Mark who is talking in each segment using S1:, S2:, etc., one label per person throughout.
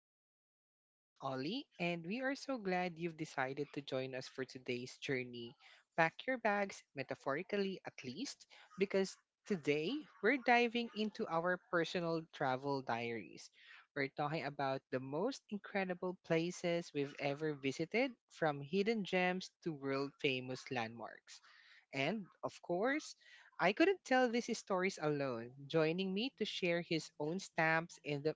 S1: today. I'm your host, Ollie, and we are so glad you've decided to join us for today's journey. Pack your bags, metaphorically at least, because today we're diving into our personal travel diaries. We're talking about the most incredible places we've ever visited, from hidden gems to world famous landmarks. And, of course, I couldn't tell these stories alone. Joining me to share his own stamps in the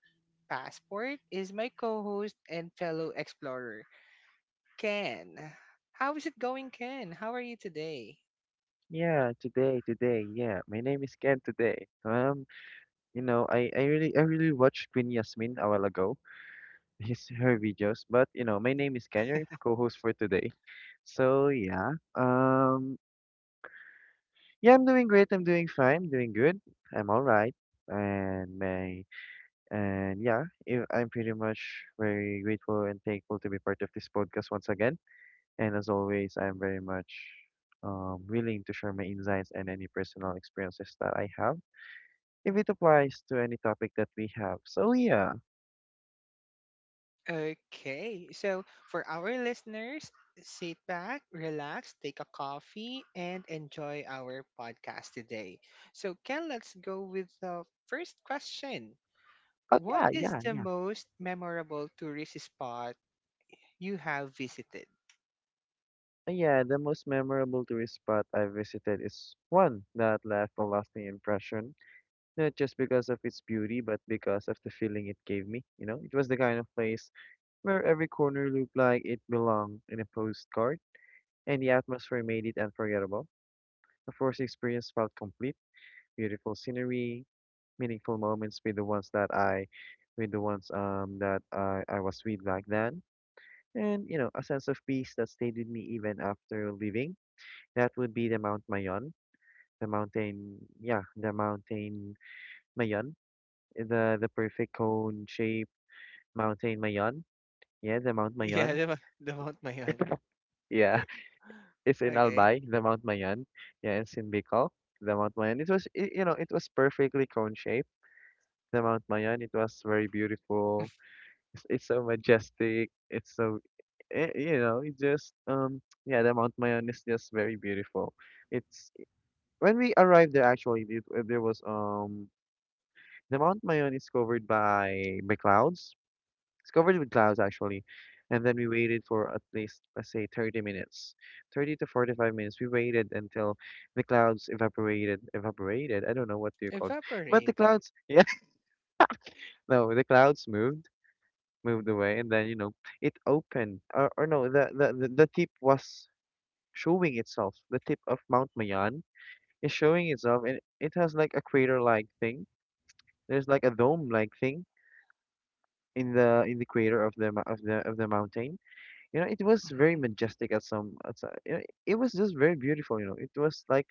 S1: passport is my co host and fellow explorer, Ken. How is it going, Ken? How are you today?
S2: Yeah, today, yeah. My name is Ken today. Um, I really watched Queen Yasmin a while ago, his her videos, but my name is Ken, your co-host for today. So yeah. Yeah, I'm doing great, I'm doing fine, I'm doing good. I'm all right. And my and yeah, I'm pretty much very grateful and thankful to be part of this podcast once again. And as always, I'm very much willing to share my insights and any personal experiences that I have, if it applies to any topic that we have. So yeah.
S1: Okay, so for our listeners, sit back, relax, take a coffee, and enjoy our podcast today. So, Ken, let's go with the first question.
S2: Oh
S1: What
S2: yeah,
S1: is
S2: yeah,
S1: the
S2: yeah.
S1: most memorable tourist spot you have visited.
S2: Yeah, the most memorable tourist spot I visited is one that left a lasting impression, not just because of its beauty, but because of the feeling it gave me. You know, it was the kind of place where every corner looked like it belonged in a postcard, and the atmosphere made it unforgettable. The first experience felt complete: beautiful scenery, meaningful moments with the ones that I, with the ones that I was with back then, and you know, a sense of peace that stayed with me even after leaving. That would be the Mount Mayon, the mountain, yeah, the mountain Mayon. The perfect cone shape mountain Mayon. Yeah, the Mount
S1: Yeah,
S2: Mayon.
S1: the Mount Mayon.
S2: Yeah. It's in
S1: Okay.
S2: Albay, the Mount Mayon. Yeah, it's in Bicol, the Mount Mayon. It was it, you know it was perfectly cone shaped. The Mount Mayon, it was very beautiful. It's so majestic. It just yeah the Mount Mayon is just very beautiful. It's When we arrived there, actually, the Mount Mayon is covered by clouds. It's covered with clouds actually, and then we waited for at least, let's say, 30 minutes, 30 to 45 minutes. We waited until the clouds evaporated. I don't know what they're called, but the
S1: Evaporated.
S2: clouds, yeah, no, the clouds moved away, and then you know it opened, or no, the tip was showing itself. The tip of Mount Mayon is showing itself, and it has like a crater-like thing. There's like a dome-like thing in the crater of the mou- of the mountain. You know, it was very
S1: Mhm.
S2: majestic at some, you know, it was just very beautiful, you know. It was like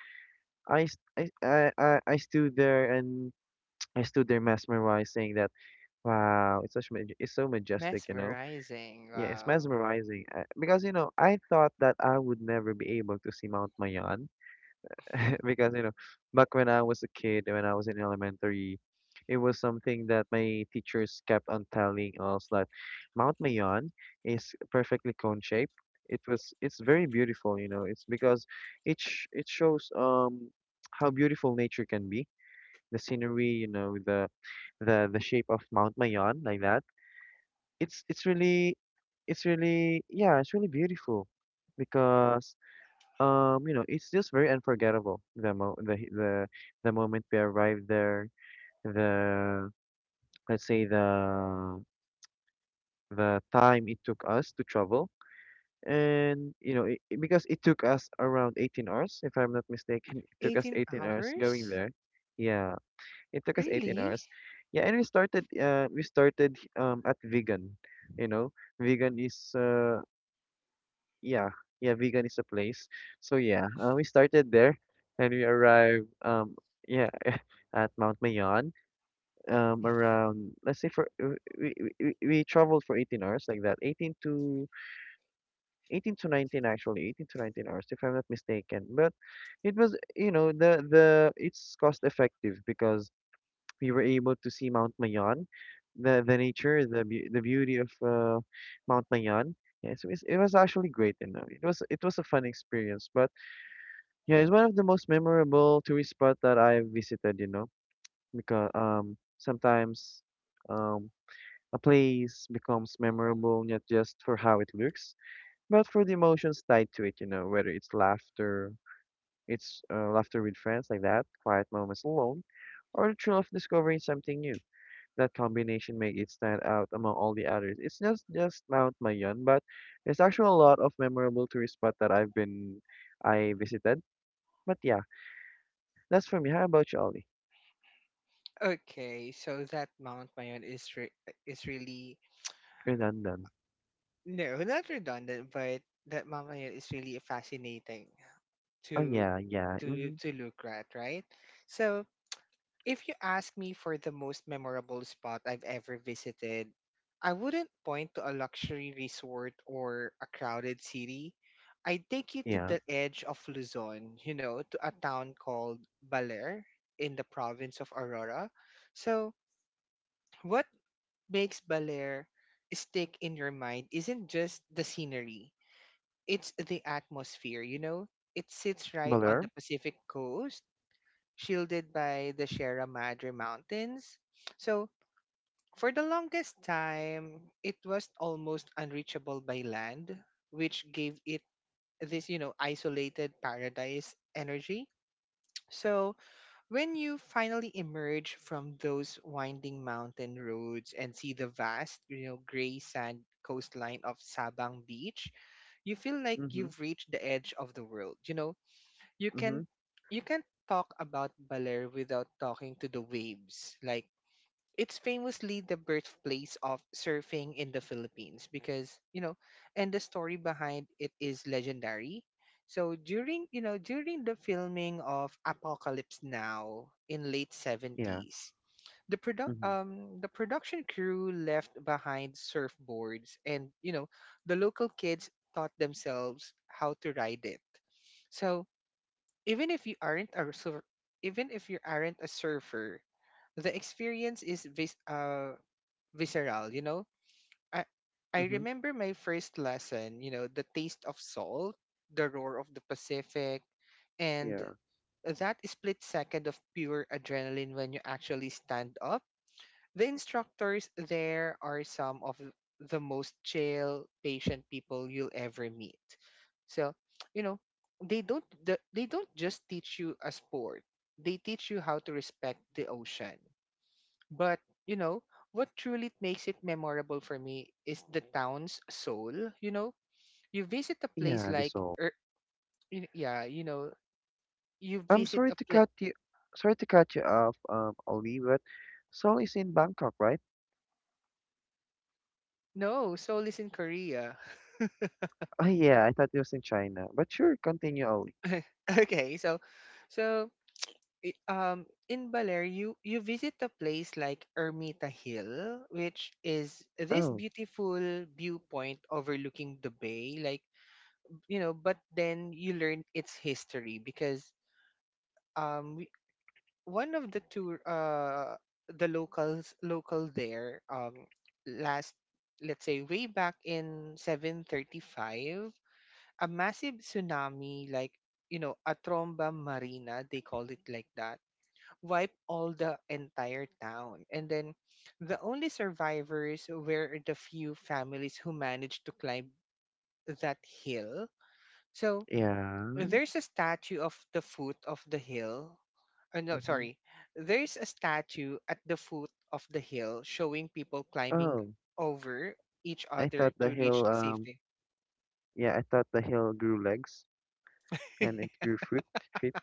S2: I s- I stood there, and I stood there mesmerized, saying that wow, it's so majestic, you know.
S1: Mesmerizing.
S2: Yeah, it's
S1: Wow.
S2: mesmerizing. Because you know, I thought that I would never be able to see Mount Mayan, because you know, back when I was a kid, when I was in elementary, it was something that my teachers kept on telling us, that Mount Mayon is perfectly cone shaped. It's very beautiful, you know. It's because it shows how beautiful nature can be: the scenery, you know, the shape of Mount Mayon, like that. It's it's really it's really beautiful because you know, it's just very unforgettable. The moment we arrived there, the let's say the time it took us to travel, and you know, because it took us around 18 hours, if I'm not mistaken, it took us
S1: 18
S2: 18 hours going
S1: hours?
S2: there. Yeah, it took us 18
S1: Really?
S2: hours. Yeah, and we started at Vegan. You know, Vegan is uh yeah yeah vegan is a place. So we started there, and we arrived, yeah at Mount Mayon, around, let's say, for we, we traveled for 18 hours, like that, 18 to 18 to 19, actually 18 to 19 hours if I'm not mistaken, but it was you know the it's cost effective, because we were able to see Mount Mayon, the nature, the beauty of Mount Mayon. Yeah, so it was actually great, you know. It was a fun experience, but yeah, it's one of the most memorable tourist spot that I have visited, you know, because sometimes, um a place becomes memorable not just for how it looks, but for the emotions tied to it, you know, whether it's laughter with friends, like that, quiet moments alone, or the thrill of discovering something new. That combination make it stand out among all the others. It's not just Mount Mayon, but there's actually a lot of memorable tourist spot that I visited. But yeah. That's for me. How about you, Ollie?
S1: Okay, so that Mount Mayon is really,
S2: You're done.
S1: no, not redundant, but that Mount Mayon is really fascinating
S2: Oh
S1: to
S2: yeah, yeah.
S1: to
S2: Mm-hmm.
S1: to look at, right? So, if you ask me for the most memorable spot I've ever visited, I wouldn't point to a luxury resort or a crowded city. I'd take you to
S2: Yeah.
S1: the edge of Luzon, you know, to a town called Baler in the province of Aurora. So, what makes Baler stick in your mind isn't just the scenery, it's the atmosphere, you know? It sits right on
S2: Baler?
S1: the Pacific coast, shielded by the Sierra Madre Mountains. So, for the longest time, it was almost unreachable by land, which gave it this, you know, isolated paradise energy. So, when you finally emerge from those winding mountain roads and see the vast, you know, gray sand coastline of Sabang Beach, you feel like
S2: Mm-hmm.
S1: you've reached the edge of the world. You know, you
S2: Mm-hmm.
S1: can you can talk about Baler without talking to the waves. Like, it's famously the birthplace of surfing in the Philippines because, you know, and the story behind it is legendary. So during, you know, during the filming of Apocalypse Now in late
S2: Yeah.
S1: 70s, the product
S2: Mm-hmm.
S1: um the production crew left behind surfboards and, you know, the local kids taught themselves how to ride it. So even if you aren't a surfer, the experience is visceral, you know? I I
S2: Mm-hmm.
S1: remember my first lesson, you know, the taste of salt, the roar of the Pacific, and
S2: Yeah.
S1: that split second of pure adrenaline when you actually stand up. The instructors there are some of the most chill, patient people you'll ever meet. So, you know, they don't just teach you a sport. They teach you how to respect the ocean. But, you know, what truly makes it memorable for me is the town's soul, you know? You visit a place
S2: Yeah, the
S1: like,
S2: soul.
S1: er, yeah, you know, you
S2: I'm
S1: visit
S2: sorry
S1: a
S2: to
S1: place.
S2: cut you sorry to cut you off, Ollie, but Seoul is in Bangkok, right?
S1: No, Seoul is in Korea.
S2: Oh yeah, I thought it was in China. But sure, continue, Ollie.
S1: Okay, so in Baler you visit a place like Ermita Hill, which is this
S2: Oh.
S1: beautiful viewpoint overlooking the bay, like, you know, but then you learn its history, because um we- one of the tour the locals local there, last, let's say, way back in 735, a massive tsunami, like, you know, a tromba marina they call it like that, wipe all the entire town. And then the only survivors were the few families who managed to climb that hill. So
S2: Yeah.
S1: there's a statue of the foot of the hill. Oh, no,
S2: Mm-hmm.
S1: sorry. There's a statue at the foot of the hill showing people climbing
S2: Oh.
S1: over each
S2: I
S1: other
S2: thought the
S1: to reach
S2: hill
S1: safety.
S2: yeah, I thought the hill grew legs, and it grew fruit feet.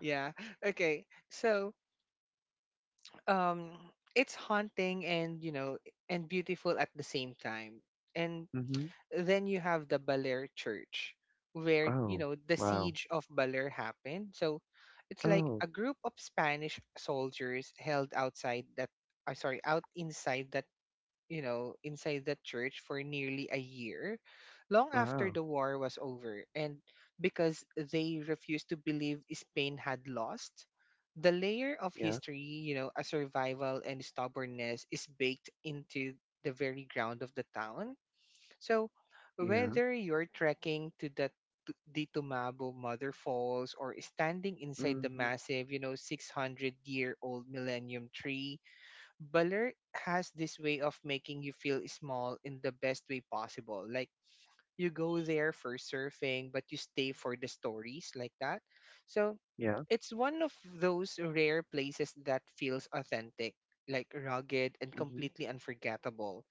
S1: Yeah. Okay. So, um, it's haunting and, you know, and beautiful at the same time. And
S2: Mm-hmm.
S1: then you have the Baler Church, where, you
S2: Oh.
S1: know, the
S2: Wow.
S1: siege of Baler happened. So it's like
S2: Oh.
S1: a group of Spanish soldiers held outside that, sorry, out inside that church for nearly a year, long after
S2: Wow.
S1: the war was over, and because they refused to believe Spain had lost. The layer of
S2: Yeah.
S1: history, you know, a survival and stubbornness is baked into the very ground of the town. So,
S2: Yeah.
S1: whether you're trekking to the the Tumabo Mother Falls or standing inside the
S2: Mm-hmm.
S1: massive, you know, 600-year-old millennium tree, Baler has this way of making you feel small in the best way possible. Like, you go there for surfing, but you stay for the stories, like that. So
S2: Yeah.
S1: it's one of those rare places that feels authentic, like rugged and
S2: Mm-hmm.
S1: completely unforgettable.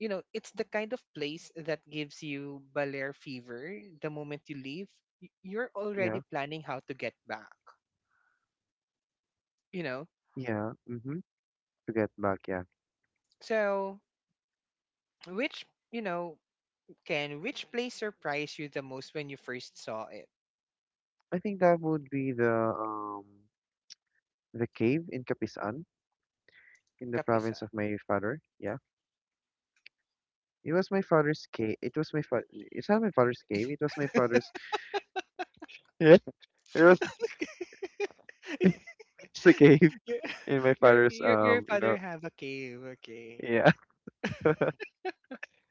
S1: You know, it's the kind of place that gives you Balear fever the moment you leave. You're already
S2: Yeah.
S1: planning how to get back, you know?
S2: Yeah. Mm-hmm. To get back, yeah.
S1: So, which, you know, which place surprised you the most when you first saw it?
S2: I think that would be the cave in Kapisan, in the province
S1: Kapisan.
S2: of my father. Yeah. It was my father's cave. It was my father. It's not my father's cave. It was my father's. Yeah. It was it's a cave
S1: your
S2: in my
S1: your
S2: father's.
S1: your your father have a cave, okay.
S2: Yeah.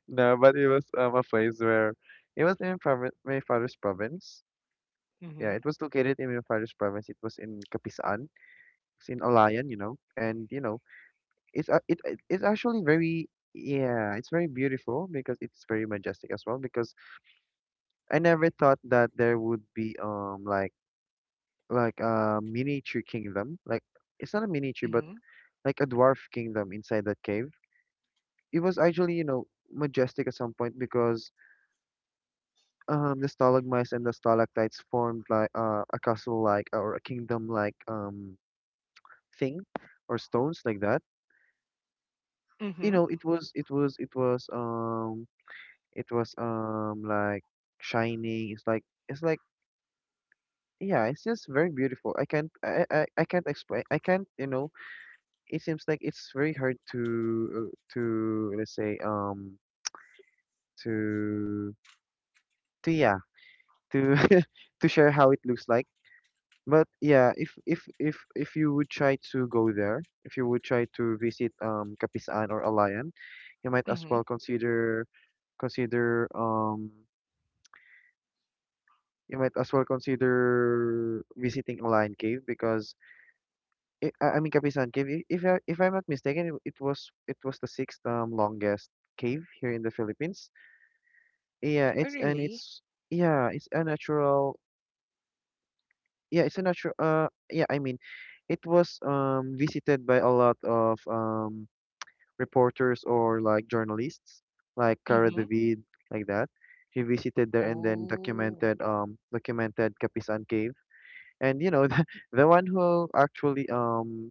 S2: No, but it was a place where it was in province my father's province. Yeah.
S1: Mm-hmm.
S2: It was located in my father's province. It was in Kapisan. It's in Alayan. You know. And you know. It's actually very, yeah, it's very beautiful because it's very majestic as well, because I never thought that there would be like a miniature kingdom. Like it's not a miniature, but
S1: Mm-hmm.
S2: like a dwarf kingdom inside that cave. It was actually, you know, majestic at some point, because the stalagmites and the stalactites formed like a castle like, or a kingdom like thing, or stones, like that. You
S1: Mm-hmm.
S2: know, it was It was um like shining. It's like yeah, it's just very beautiful. I can't explain. I can't, you know, it seems like it's very hard to let's say to to yeah, to to share how it looks like. But yeah, if you would try to go there, if you would try to visit Kapisaan or Alayan, you might as
S1: Mm-hmm.
S2: well consider, consider um you might as well consider visiting Lion Cave, because I, I mean Kapisan Cave. If if I'm not mistaken, it was the sixth, longest cave here in the Philippines. Yeah,
S1: Oh,
S2: it's and
S1: really?
S2: it's yeah, it's a natural. Yeah, it's a natural. Yeah, I mean, it was visited by a lot of reporters, or like journalists, like Cara
S1: Mm-hmm.
S2: David, like that. She visited there and then
S1: Oh.
S2: documented, documented Kapisan Cave. And you know, the one who actually um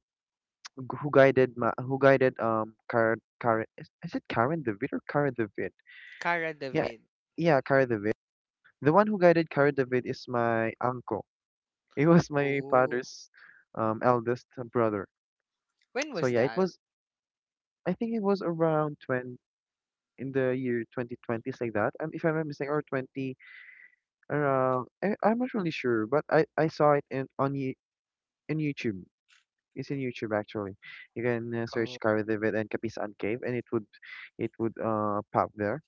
S2: g- who guided, Karen. Is it Karen David or Karen David?
S1: Cara
S2: Yeah,
S1: David.
S2: yeah, Karen David. The one who guided Karen David is my uncle. He was my
S1: Oh.
S2: father's eldest brother.
S1: When
S2: So
S1: was
S2: yeah, it
S1: that?
S2: was I think it was around 20, in the year 2020s, like that if I'm not mistaken, or 20 around. I'm not really sure, but I saw it in on you in youtube It's in YouTube, actually. You can
S1: Oh.
S2: search Cara David and Kapisan Cave, and it would, pop there.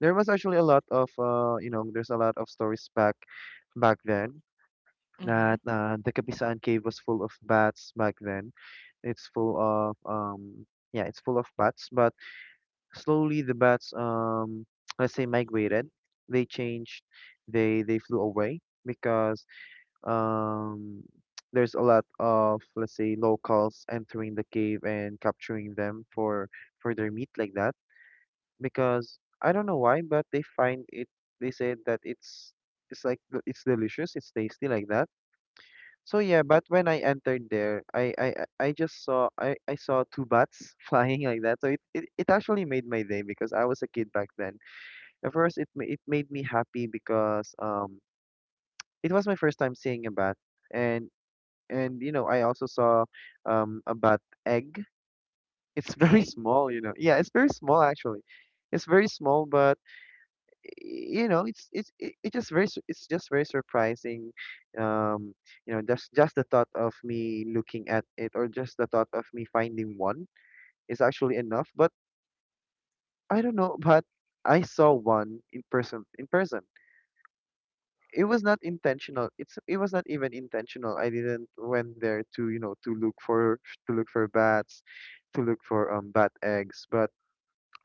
S2: There was actually a lot of, there's a lot of stories back then,
S1: Mm-hmm.
S2: that the Kapisan Cave was full of bats back then. It's full of yeah it's full of bats, but slowly the bats, let's say, migrated. They changed. They flew away, because um, there's a lot of, let's say, locals entering the cave and capturing them for their meat, like that, because I don't know why, but they said that it's like it's delicious, it's tasty, like that. So yeah, but when I entered there, I saw two bats flying like that, so it actually made my day, because I was a kid back then. At first, it made me happy because it was my first time seeing a bat, and and I also saw a bat egg. It's very
S1: Egg?
S2: small. Yeah, it's very small, actually. It's very small, but it just it's just very surprising. Um, just the thought of me looking at it, or just the thought of me finding one is actually enough. But I don't know, but I saw one in person in person. It was not intentional. It was not even intentional. I didn't went there to, to look for bats, to look for bat eggs, but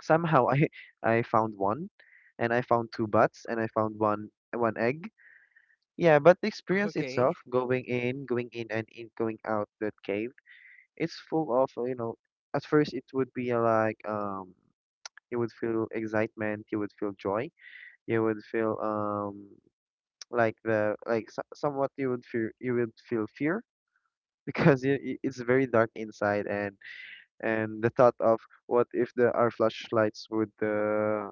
S2: somehow I I found one, and I found two bats, and I found one egg. Yeah, but the experience
S1: Okay.
S2: itself, going in, going in and in going out that cave, it's full of, you know, at first it would be like you would feel excitement, you would feel joy, you would feel somewhat you would feel. You would feel fear because it's very dark inside, and the thought of what if the our flashlights would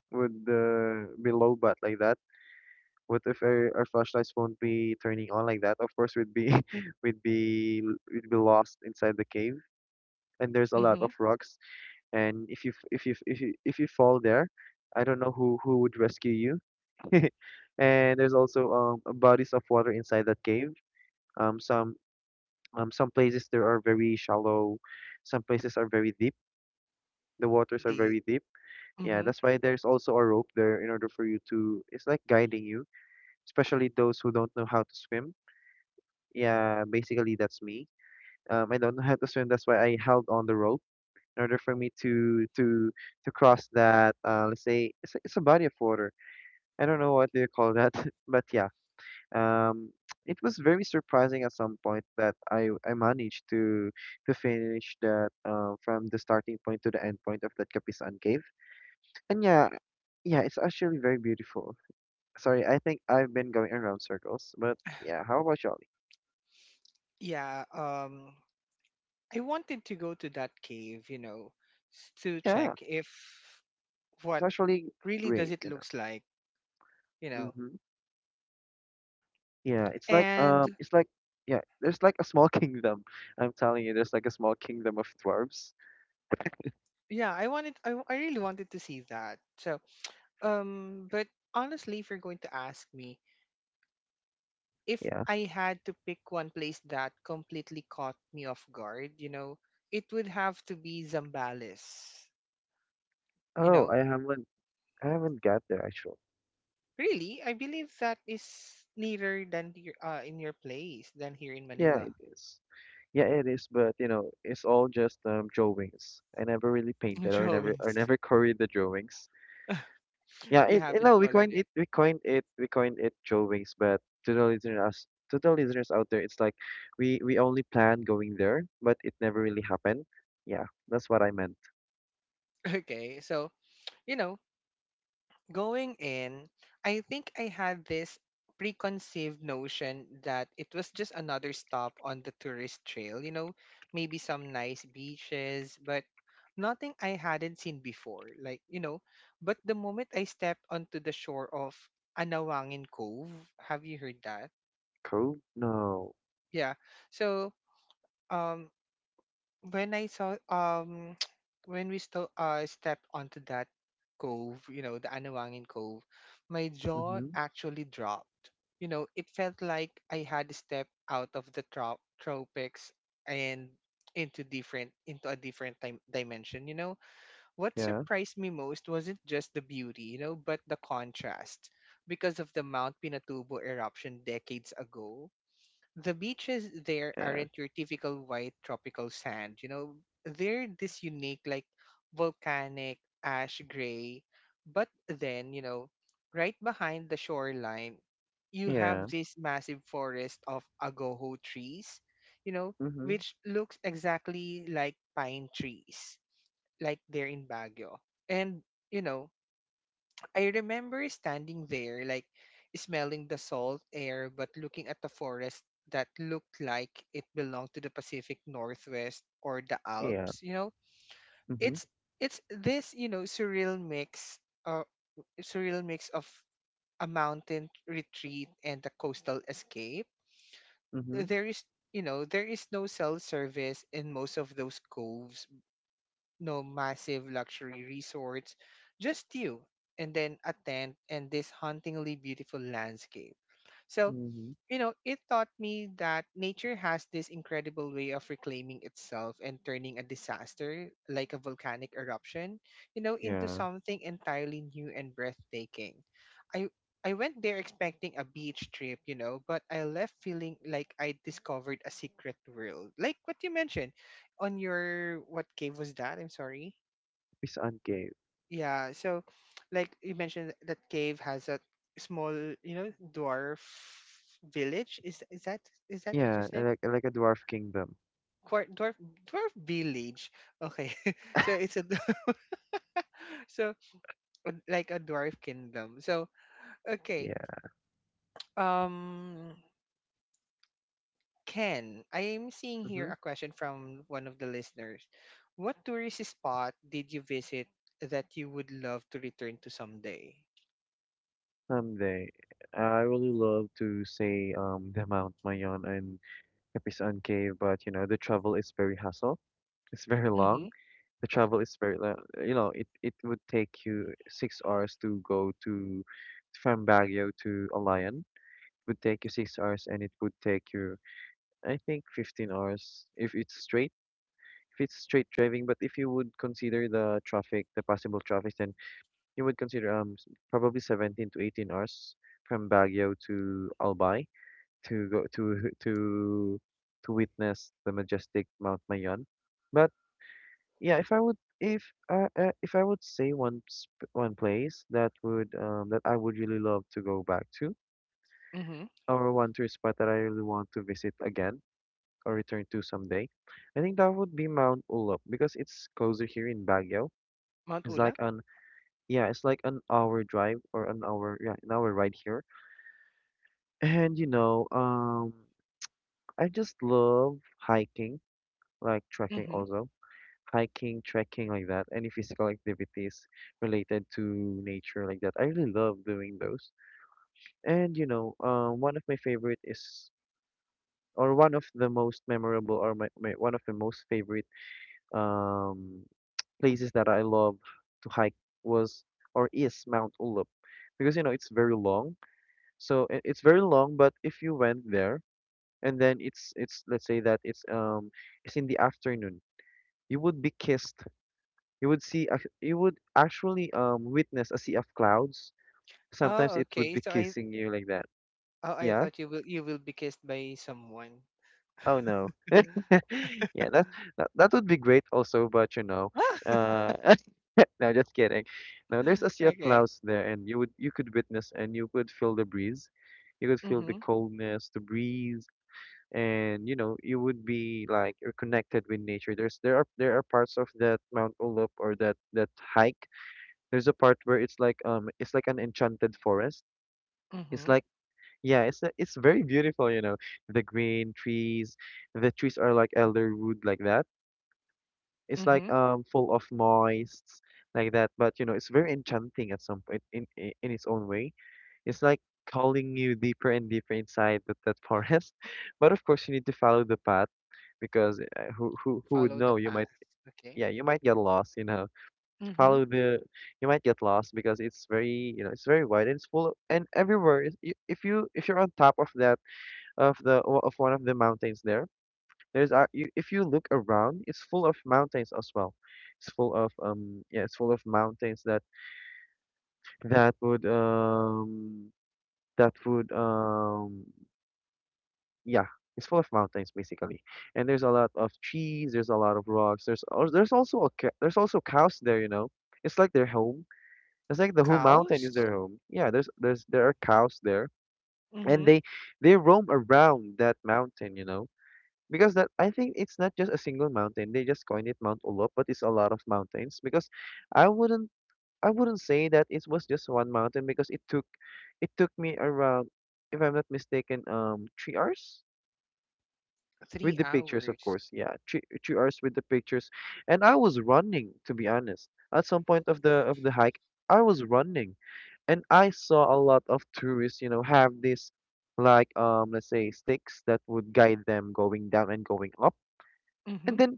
S2: would be low but like that. What if our flashlights won't be turning on like that. Of course we'd be we'd be we'd be lost inside the cave, and there's a lot
S1: Mm-hmm.
S2: of rocks. And if you f- if you f- if you fall there, I don't know who would rescue you. And there's also bodies of water inside that cave. Um, some some places there are very shallow, some places are very deep. The waters are
S1: Deep.
S2: very deep. Yeah,
S1: Mm-hmm.
S2: that's why there's also a rope there in order for you to. It's like guiding you, especially those who don't know how to swim. Yeah, basically that's me. I don't know how to swim. That's why I held on the rope in order for me to cross that. Let's say it's a body of water. I don't know what do you call that, but yeah. Um, it was very surprising at some point that I managed to finish that from the starting point to the end point of that Kapisan Cave. And yeah, yeah, it's actually very beautiful. Sorry, I think I've been going around circles, but yeah, how about you?
S1: Yeah, I wanted to go to that cave, you know, to
S2: Yeah,
S1: check if
S2: it's
S1: what
S2: actually
S1: really does
S2: great,
S1: it
S2: you know.
S1: looks like, you know.
S2: Mm-hmm. Yeah,
S1: And
S2: it's like, yeah, there's like a small kingdom. I'm telling you, there's like a small kingdom of dwarves.
S1: yeah, I really wanted to see that. So, but honestly, if you're going to ask me, if
S2: Yeah.
S1: I had to pick one place that completely caught me off guard, you know, it would have to be Zambales. You
S2: Oh,
S1: know,
S2: I haven't got there actually.
S1: really, I believe that is nearer than in your place than here in
S2: Yeah,
S1: Manila.
S2: it is. Yeah, it is, but you know, it's all just drawings. I never really painted or
S1: Drawings,
S2: never carried the drawings. Yeah,
S1: you
S2: it
S1: haven't
S2: no,
S1: colored it.
S2: we coined it drawings, but to the listeners out there, it's like we only planned going there, but it never really happened. Yeah, that's what I meant.
S1: Okay, so, you know, going in, I think I had this preconceived notion that it was just another stop on the tourist trail, you know, maybe some nice beaches, but nothing I hadn't seen before. Like, you know, but the moment I stepped onto the shore of Anawangin Cove, have you heard that?
S2: Cool. No.
S1: Yeah. So, um when I saw, when we still stepped onto that cove, you know, the Anawangin Cove, my jaw
S2: Mm-hmm.
S1: actually dropped. You know, it felt like I had stepped out of the tropics and into a different time dimension. You know, what
S2: Yeah.
S1: surprised me most wasn't just the beauty, you know, but the contrast. Because of the Mount Pinatubo eruption decades ago, the beaches there
S2: Yeah.
S1: aren't your typical white tropical sand. You know, they're this unique, like, volcanic, ash gray. But then, you know, right behind the shoreline, you
S2: Yeah.
S1: have this massive forest of agoho trees, you know,
S2: Mm-hmm.
S1: which looks exactly like pine trees, like they're in Baguio. And, you know, I remember standing there, like, smelling the salt air, but looking at the forest that looked like it belonged to the Pacific Northwest or the
S2: Yeah.
S1: Alps. You know,
S2: Mm-hmm.
S1: it's it's this, uh, surreal mix of a mountain retreat and a coastal escape.
S2: Mm-hmm.
S1: There is there is no cell service in most of those coves, no massive luxury resorts, just you and then a tent and this hauntingly beautiful landscape. So,
S2: Mm-hmm.
S1: you know, it taught me that nature has this incredible way of reclaiming itself and turning a disaster, like a volcanic eruption, you know, into
S2: Yeah.
S1: something entirely new and breathtaking. I I went there expecting a beach trip, you know, but I left feeling like I discovered a secret world. Like what you mentioned on your, what cave was that? I'm sorry.
S2: It's uncave.
S1: Yeah, so like you mentioned that cave has a small, you know, dwarf village. Is that what you
S2: Yeah,
S1: said?
S2: like a dwarf kingdom.
S1: Quar dwarf dwarf village. Okay. So so, like a dwarf kingdom. So, okay.
S2: Yeah.
S1: Um Ken, I am seeing here
S2: Mm-hmm.
S1: a question from one of the listeners. What tourist spot did you visit that you would love to return to someday?
S2: Someday, I really love to say the Mount Mayon and Kapisan Cave, but you know the travel is very hassle. It's very
S1: Mm-hmm.
S2: long. The travel is very lo- You know, it would take you 6 hours to go to from Baguio to Alayan. It would take you 6 hours, and it would take you I think 15 hours if it's straight. If it's straight driving, but if you would consider the traffic, the possible traffic, then you would consider probably 17 to 18 hours from Baguio to Albay to go to witness the majestic Mount Mayon. But yeah, if I would say one place that would that I would really love to go back to,
S1: Mm-hmm.
S2: or one tourist spot that I really want to visit again or return to someday, I think that would be Mount Ulap because it's closer here in Baguio.
S1: Mount
S2: It's like
S1: Ula?
S2: an Yeah, it's like an hour drive or an hour, yeah, an hour ride here. And you know, I just love hiking, like trekking also. Hiking, trekking like that, any physical activities related to nature like that. I really love doing those. And you know, one of my favorite is, or one of the most memorable, or my one of the most favorite um places that I love to hike was or is Mount Ulup, because you know it's very long. It's very long, but if you went there, and then it's let's say that it's in the afternoon, you would be kissed, you would you would actually witness a sea of clouds. Sometimes
S1: Oh,
S2: it would
S1: okay.
S2: be
S1: So I,
S2: kissing you like that.
S1: oh, I
S2: Yeah.
S1: thought you will be kissed by someone.
S2: Oh no. Yeah, that that would be great also, but you know.
S1: Wow.
S2: Uh, no, just kidding. No, there's a sea of
S1: Okay.
S2: clouds there, and you would, you could witness, and you could feel the breeze. You could feel the
S1: Mhm.
S2: coldness, the breeze. And you know, you would be like you're connected with nature. There's there are parts of that Mount Ulup or that that hike. There's a part where it's like an enchanted forest. It's
S1: Mhm.
S2: like, yeah, it's very beautiful, you know. The green trees, the trees are like elderwood like that. It's like
S1: Mhm.
S2: full of moists like that, but you know it's very enchanting at some point in its own way. It's like calling you deeper and deeper inside that forest. But of course you need to follow the path, because who would
S1: Follow the
S2: know? You
S1: path.
S2: might.
S1: Okay.
S2: Yeah, you might get lost, you know.
S1: Mhm.
S2: Follow the You might get lost because it's very, you know, it's very wide, and it's full of, and everywhere. If you if you're on top of that, of one of the mountains there, if you look around, it's full of mountains as well. It's full of yeah, it's full of mountains that that would um would yeah, it's full of mountains basically, and there's a lot of trees, there's a lot of rocks, there's also there's also cows there, you know. It's like their home. It's like the whole mountain is
S1: Cows.
S2: their home. Yeah, there are cows there, and
S1: Mhm.
S2: they roam around that mountain, you know. Because that, I think it's not just a single mountain. They just coined it Mount Olup, but it's a lot of mountains. Because I wouldn't I wouldn't say that it was just one mountain, because it took me around, if I'm not mistaken, 3 hours with
S1: Three
S2: the pictures, of
S1: hours.
S2: course. Yeah, 3 hours with the pictures, and I was running. To be honest, at some point of the hike, I was running, and I saw a lot of tourists. You know, have this like let's say sticks that would guide them going down and going up, and
S1: Mhm.
S2: then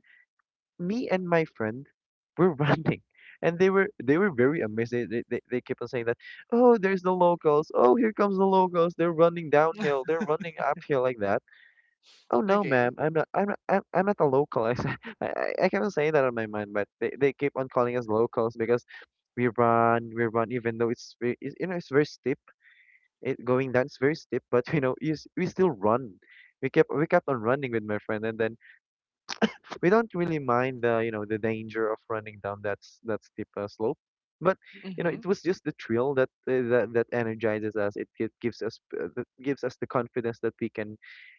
S2: me and my friend were running. And they were very amazed. They kept on saying that, oh, there's the locals. Oh, here comes the locals. They're running downhill. They're running uphill like that. Oh no,
S1: Okay.
S2: ma'am. I'm not a local. I, sa- I cannot say that on my mind, but they keep on calling us locals because we run, even though it's, you know, it's very steep. It going down, it's very steep, but you know we still run. We kept on running with my friend, and then we don't really mind the, you know, the danger of running down that steep slope. But you know it
S1: Mhm.
S2: was just the thrill that that energizes us. Gives us that gives us the confidence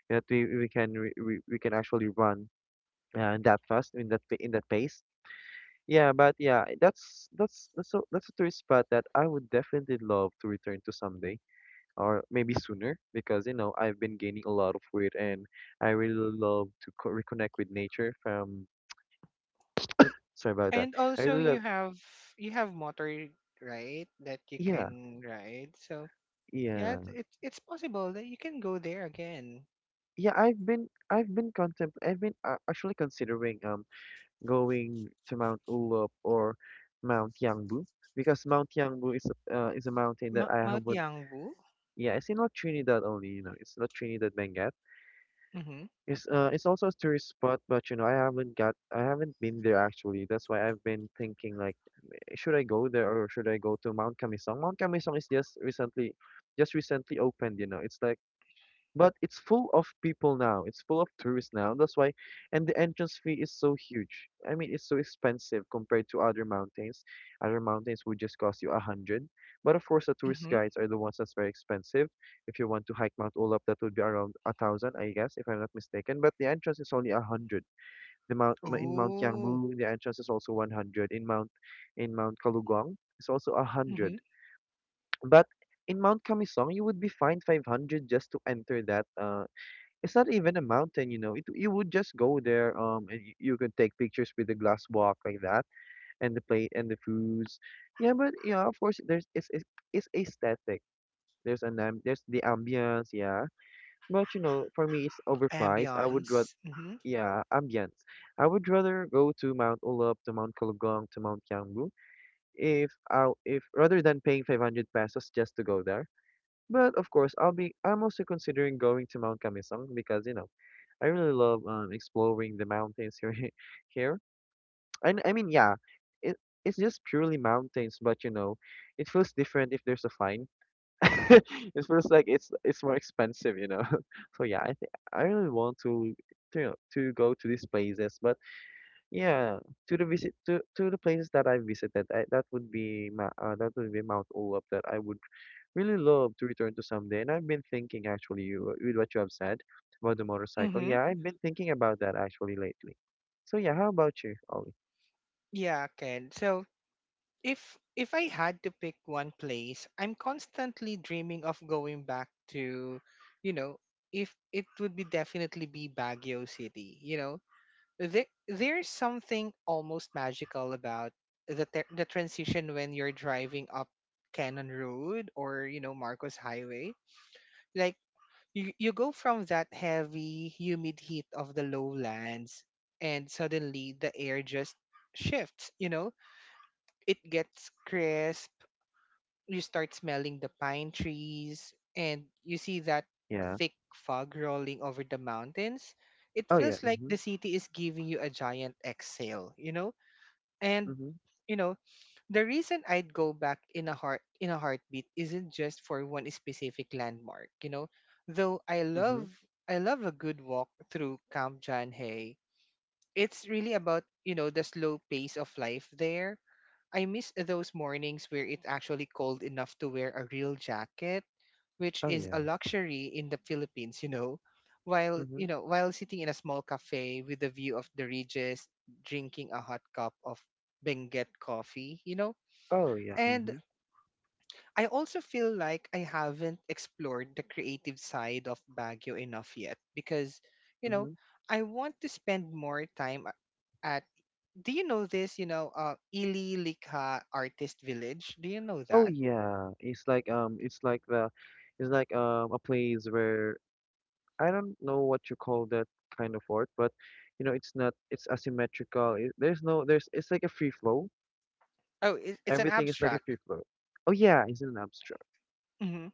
S2: that we can re, we can actually run, yeah, that fast in in that pace. Yeah, but yeah, that's a tourist spot that I would definitely love to return to someday, or maybe sooner, because you know I've been gaining a lot of weight, and I really love to co reconnect with nature from sorry about that.
S1: And
S2: I
S1: also,
S2: really love
S1: you have motor, right, that you
S2: yeah,
S1: can ride. So yeah,
S2: yeah,
S1: it's possible that you can go there again.
S2: yeah, I've been actually considering going to Mount Ulup or Mount Yangbu, because Mount Yangbu is is a mountain that I
S1: Mount
S2: haven't.
S1: Yangbu.
S2: Yeah, it's in not Trinidad only, you know. It's not Trinidad Benguet.
S1: Mhm.
S2: It's also a tourist spot, but you know, I haven't been there actually. That's why I've been thinking like, eh, should I go there or should I go to Mount Camisong? Mount Camisong is just recently opened, you know. It's like but it's full of people now. It's full of tourists now. That's why, and the entrance fee is so huge. I mean, it's so expensive compared to other mountains. Other mountains would just cost you a hundred. But of course, the tourist
S1: Mhm.
S2: guides are the ones that's very expensive. If you want to hike Mount Olaf, that would be around a thousand, I guess, if I'm not mistaken. But the entrance is only a hundred. The mount in Mount
S1: Oh.
S2: Yangbu, the entrance is also 100. In Mount Kalugong, it's also a hundred. But in Mount Kamisong, you would be fined 500 just to enter that it's not even a mountain, you know. It you would just go there, and you can take pictures with the glass walk like that, and the plate and the foods. Yeah, but yeah, of course, it's aesthetic. There's the ambience, yeah. But you know, for me, it's overpriced. I would rather
S1: Ambience. Mm-hmm.
S2: yeah ambience. I would rather go to Mount Ulap, to Mount Kalugong, to Mount Kiangbu, if rather than paying 500 pesos just to go there. But of course, I'm also considering going to Mount Kamisang because you know, I really love exploring the mountains here here. And I mean, yeah, it it's just purely mountains, but you know, it feels different if there's a fine. It feels like it's more expensive, you know. So yeah, I think I really want to to go to these places, but yeah, to the places that I visited, that would be my that would be Mount Ulup that I would really love to return to someday. And I've been thinking actually with what you have said about the motorcycle.
S1: Mm-hmm.
S2: Yeah, I've been thinking about that actually lately. So yeah, how about you, Ollie?
S1: Yeah, Ken. So, if I had to pick one place I'm constantly dreaming of going back to, you know, if it would be definitely be Baguio City. You know, there's something almost magical about the the transition when you're driving up Cannon Road or, you know, Marcos Highway. Like, you go from that heavy, humid heat of the lowlands, and suddenly the air just shifts, you know? It gets crisp, you start smelling the pine trees, and you see that
S2: Yeah.
S1: thick fog rolling over the mountains. It
S2: Oh yeah.
S1: feels like the
S2: Mhm.
S1: city is giving you a giant exhale, you know? And,
S2: Mhm.
S1: you know, the reason I'd go back in a heartbeat isn't just for one specific landmark, you know. Though
S2: Mhm.
S1: I love a good walk through Camp Jan Hay. It's really about, the slow pace of life there. I miss those mornings where it's actually cold enough to wear a real jacket, which
S2: Oh
S1: is a
S2: yeah.
S1: luxury in the Philippines. While,
S2: Mhm.
S1: while sitting in a small cafe with a view of the ridges, drinking a hot cup of Benguet coffee.
S2: Oh yeah.
S1: And
S2: Mhm.
S1: I also feel like I haven't explored the creative side of Baguio enough yet because, you know,
S2: Mhm.
S1: I want to spend more time at do you know this, Ili Likha Artist Village? Do you know
S2: Oh
S1: that?
S2: yeah. It's like the it's like a place where I don't know what you call that kind of art, but you know, it's asymmetrical. There's no there's it's like a free flow.
S1: Oh, it's an
S2: Everything is like a
S1: abstract.
S2: free flow. Oh yeah, it's an abstract.
S1: hmm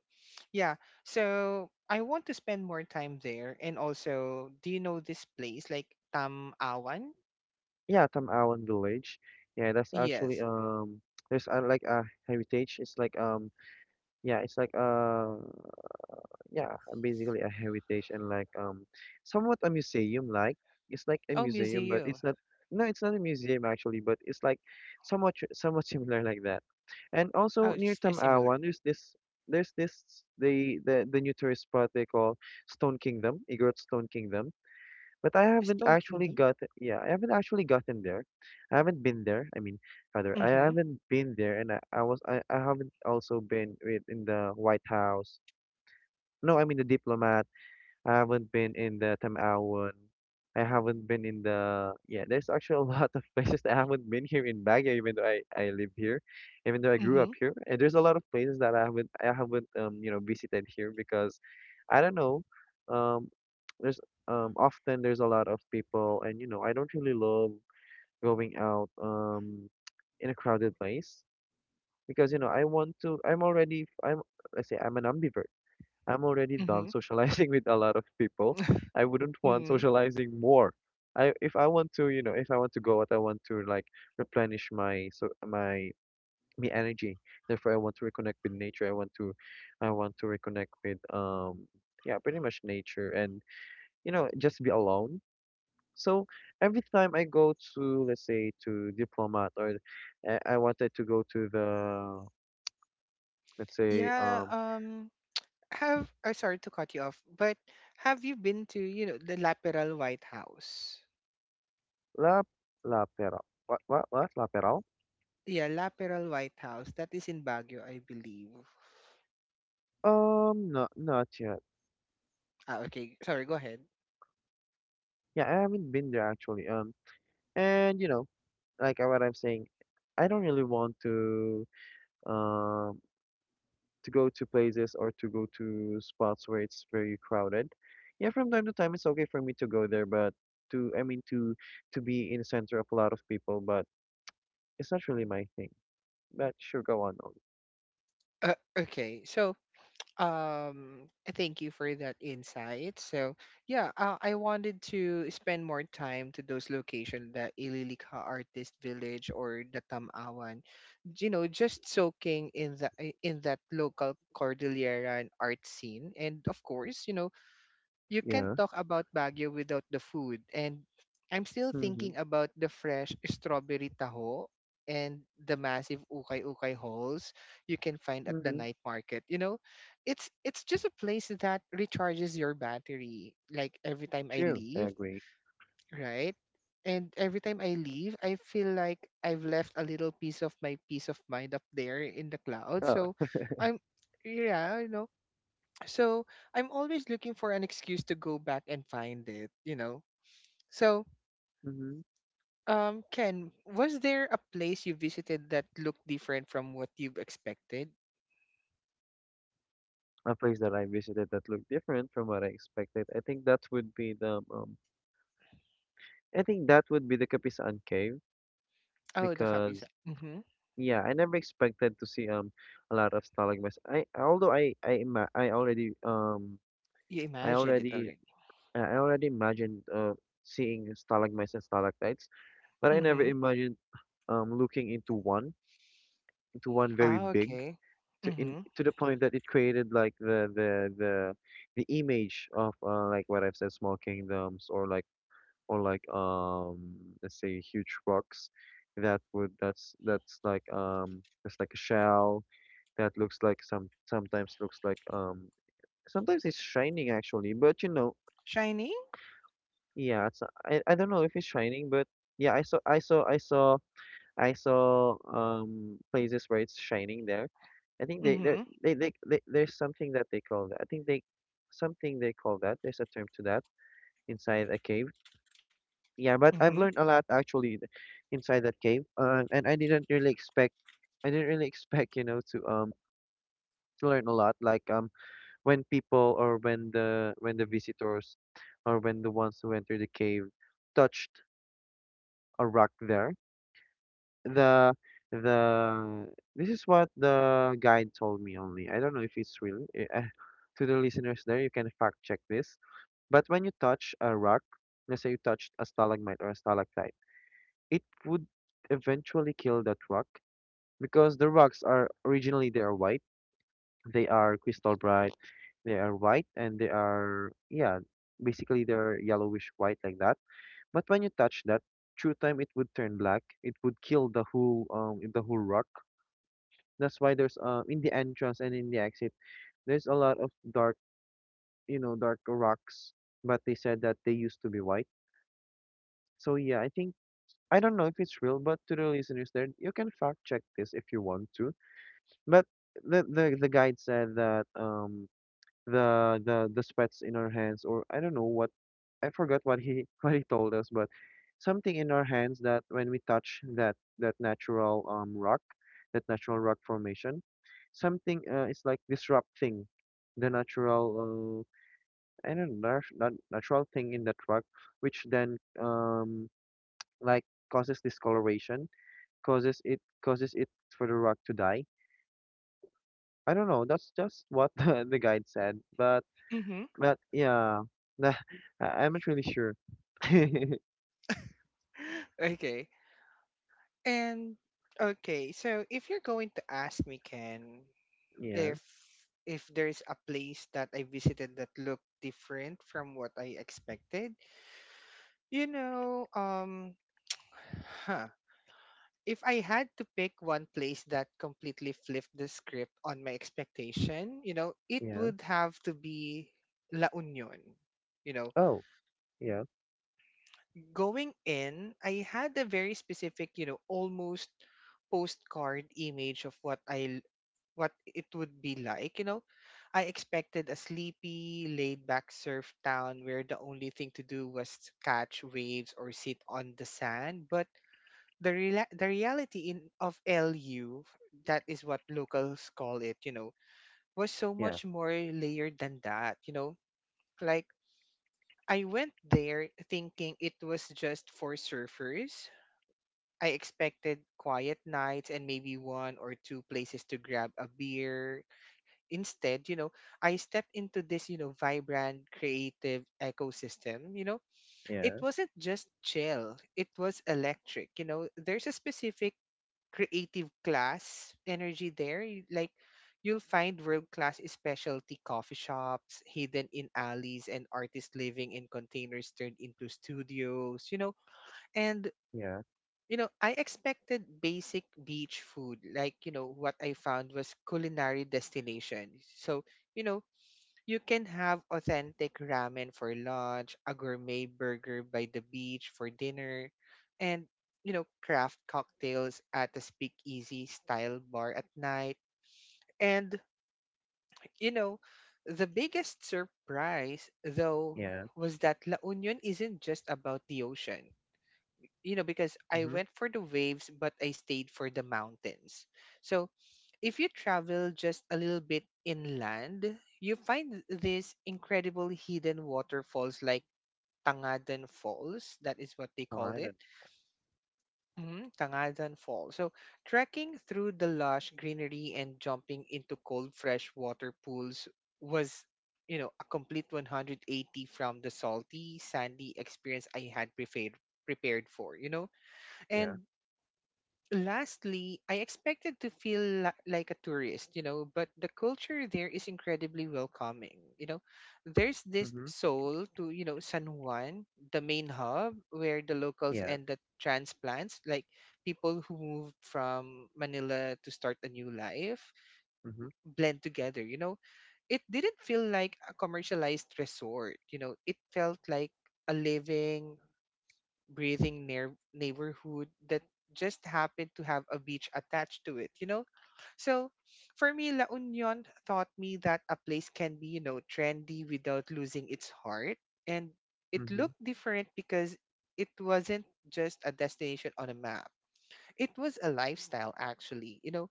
S1: Yeah. So I want to spend more time there. And also, do you know this place, like Tam Awan?
S2: Yeah, Tamawan Village. Yeah, that's actually
S1: Yes.
S2: there's like a heritage. It's like yeah, it's like yeah, basically a heritage and like somewhat a museum like. It's like a
S1: Oh,
S2: museum, but it's
S1: museum.
S2: not no, it's not a museum actually, but it's like somewhat similar like that. And
S1: Oh,
S2: also near
S1: it's just similar.
S2: Tamawan, there's this the new tourist spot they call Stone Kingdom, Igorot Stone Kingdom. But I haven't
S1: Stone
S2: actually
S1: Kingdom.
S2: got yeah, I haven't actually gotten there. I haven't been there. I mean, rather, I
S1: Mm-hmm.
S2: haven't been there, and I haven't also been with in the White House. No, I mean the diplomat I haven't been in the Tamawan. I haven't been in the yeah. There's actually a lot of places that I haven't been here in Baguio, even though I live here, even though I grew up
S1: Mm-hmm.
S2: here. And there's a lot of places that I haven't you know visited here because I don't know. Um, there's often there's a lot of people, and you know I don't really love going out in a crowded place because you know I want to. I'm let's say I'm an ambivert. I'm already done socializing with a lot of people. I wouldn't want
S1: Mm-hmm.
S2: socializing more. I if I want to, you know, if I want to go out, I want to like replenish my my energy. Therefore, I want to reconnect with nature. I want to reconnect with yeah, pretty much nature and you know just be alone. So every time I go to let's say to Diplomat or I wanted to go to the let's say
S1: Yeah, have I sorry to cut you off, but have you been to, the Laperal White House?
S2: La La Pera what La Peral?
S1: Yeah, Laperal White House. That is in Baguio, I believe.
S2: Not not yet.
S1: Ah, okay. Sorry, go ahead.
S2: Yeah, I haven't been there actually. And you know, like what I'm saying, I don't really want um to go to places or to go to spots where it's very crowded. Yeah, from time to time it's okay for me to go there, but to I mean to be in the center of a lot of people, but it's not really my thing. But sure, go on, Ollie.
S1: Uh, okay. So, Um, thank you for that insight. So, yeah, I wanted to spend more time to those locations, the Ililika Artist Village or the Tamawan, just soaking in the in that local Cordillera art scene, and of course, you can't
S2: Yeah.
S1: talk about Baguio without the food. And I'm still
S2: Mm-hmm.
S1: thinking about the fresh strawberry taho and the massive ukay-ukay holes you can find at the
S2: Mm-hmm.
S1: night market. It's just a place that recharges your battery. Like every time I
S2: True, I
S1: leave,
S2: agree.
S1: right? And every time I leave, I feel like I've left a little piece of my peace of mind up there in the clouds.
S2: Oh.
S1: So I'm yeah, you know. So I'm always looking for an excuse to go back and find it. So,
S2: Mm-hmm.
S1: Ken, was there a place you visited that looked different from what you've expected?
S2: A place that I visited that looked different from what I expected. I think that would be the I think that would be the Kapisan Cave
S1: Oh, the kapisa.
S2: because
S1: Mm-hmm.
S2: yeah, I never expected to see a lot of stalagmites. I although I ima- I already
S1: You
S2: I
S1: imagined it
S2: already
S1: already.
S2: I already imagined seeing stalagmites and stalactites, but I never
S1: Mm-hmm.
S2: imagined looking into one very
S1: Ah,
S2: big
S1: okay.
S2: to in
S1: Mm-hmm.
S2: to the point that it created like the image of like what I've said small kingdoms or like let's say huge rocks that's like it's like a shell that looks like sometimes looks like sometimes it's shining actually but you know
S1: Shining?
S2: yeah it's I don't know if it's shining but yeah I saw I saw I saw I saw places where it's shining there I think they they
S1: Mm-hmm.
S2: they they they there's something that they call that I think they something they call that there's a term to that inside a cave. Yeah, but I've
S1: Mm-hmm.
S2: learned a lot actually inside that cave. And I didn't really expect I didn't really expect, you know, to learn a lot. Like when people or when the visitors or when the ones who enter the cave touched a rock there. The the This is what the guide told me only. I don't know if it's real. To the listeners there, you can fact check this. But when you touch a rock, let's say you touched a stalagmite or a stalactite, it would eventually kill that rock because the rocks are originally they are white. They are crystal bright. They are white and they are yeah, basically they're yellowish white like that. But when you touch that, through time it would turn black. It would kill the whole rock. That's why there's in the entrance and in the exit there's a lot of dark you know dark rocks. But they said that they used to be white. So yeah, I think I don't know if it's real, but to the listeners there, you can fact check this if you want to. But the guide said that the sweats in our hands or I don't know what I forgot what he what he told us, but something in our hands that when we touch that natural rock, that natural rock formation, something it's like disrupting the natural I don't know natural thing in that rock, which then like causes discoloration, causes it for the rock to die. I don't know. That's just what the guide said.
S1: Mm-hmm.
S2: But yeah, nah, I- I'm not really sure. yeah,
S1: Okay. And okay, so if you're going to ask me, Ken, if if there's a place that I visited that looked different from what I expected, you know, um, huh. If I had to pick one place that completely flipped the script on my expectation, it
S2: yeah.
S1: would have to be La Union. You know,
S2: Oh, yeah,
S1: going in, I had a very specific, almost postcard image of what it would be like, you know. I expected a sleepy, laid back surf town where the only thing to do was catch waves or sit on the sand, but the reality in of LU, that is what locals call it, you know, was so
S2: yeah,
S1: much more layered than that, you know. Like I went there thinking it was just for surfers. I expected quiet nights and maybe one or two places to grab a beer instead, I stepped into this, vibrant, creative ecosystem. It
S2: yeah,
S1: wasn't just chill, it was electric. You know, there's a specific creative class energy there. Like, you'll find world class specialty coffee shops hidden in alleys and artists living in containers turned into studios, and
S2: yeah,
S1: I expected basic beach food. Like, what I found was culinary destination. So, you know, you can have authentic ramen for lunch, a gourmet burger by the beach for dinner, and craft cocktails at a speakeasy style bar at night. And you know, the biggest surprise though
S2: yeah.
S1: was that La Union isn't just about the ocean. You know, because I
S2: Mhm.
S1: went for the waves but I stayed for the mountains. So if you travel just a little bit inland, you find these incredible hidden waterfalls like Tangadan Falls. That is what they
S2: Oh, I
S1: called it.
S2: don't.
S1: Mhm, Tangadan Falls. So, trekking through the lush greenery and jumping into cold, fresh water pools was, a complete 180 from the salty, sandy experience I had prepared for, you know?
S2: Yeah.
S1: And lastly, I expected to feel like a tourist, but the culture there is incredibly welcoming. You know, there's this
S2: Mhm.
S1: soul to, San Juan, the main hub where the locals
S2: Yeah.
S1: and the transplants, like people who moved from Manila to start a new life,
S2: Mhm.
S1: blend together, you know. It didn't feel like a commercialized resort, it felt like a living breathing near neighborhood that just happened to have a beach attached to it, you know? So for me, La Union taught me that a place can be, trendy without losing its heart. And it
S2: Mhm.
S1: looked different because it wasn't just a destination on a map. It was a lifestyle, actually. You know,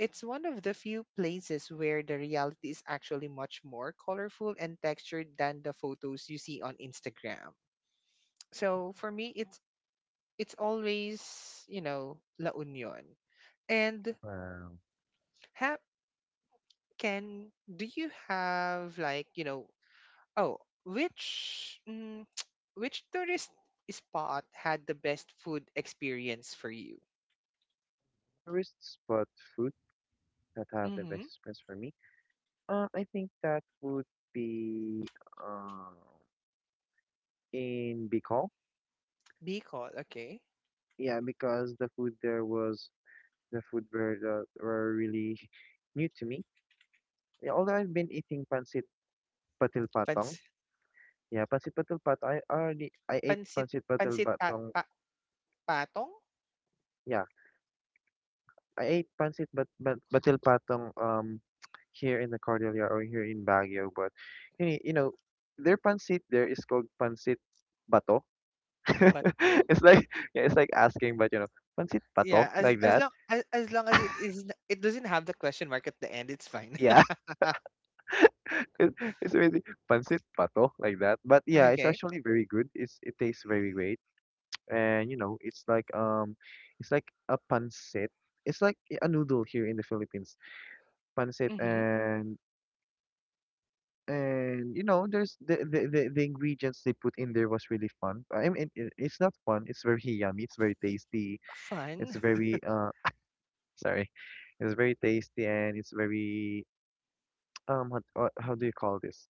S1: it's one of the few places where the reality is actually much more colorful and textured than the photos you see on Instagram. So for me, it's always La Union. And
S2: Wow.
S1: ha- can do you have like, oh, which mm, which tourist spot had the best food experience for you?
S2: Tourists, but food that have the
S1: Mm-hmm.
S2: best experience for me. I think that would be um in Bicol.
S1: Bicol, okay.
S2: Yeah, because the food were really new to me. Yeah, although I've been eating pancit patil patong.
S1: Pans
S2: Yeah, pancit patil patong. I ate
S1: pansit
S2: pancit patil
S1: pansit
S2: patong.
S1: patong
S2: Yeah, I ate pancit but patil patong here in the Cordillera or here in Baguio. But you know their pancit there is called pancit bato.
S1: bato.
S2: it's like yeah, it's like asking, but you know, pancit bato
S1: Yeah,
S2: like
S1: as
S2: that.
S1: long as long as it is it doesn't have the question mark at the end, it's fine.
S2: Yeah, it, it's amazing. Pancit bato like that. But yeah, it's
S1: Okay.
S2: actually very good. It tastes very great and you know it's like a pancit it's like a noodle here in the Philippines pancit
S1: Mm-hmm.
S2: and you know there's the ingredients they put in there was really fun. I mean it's not fun it's very yummy it's very tasty
S1: Fun.
S2: it's very sorry it's very tasty and it's very how do you call this.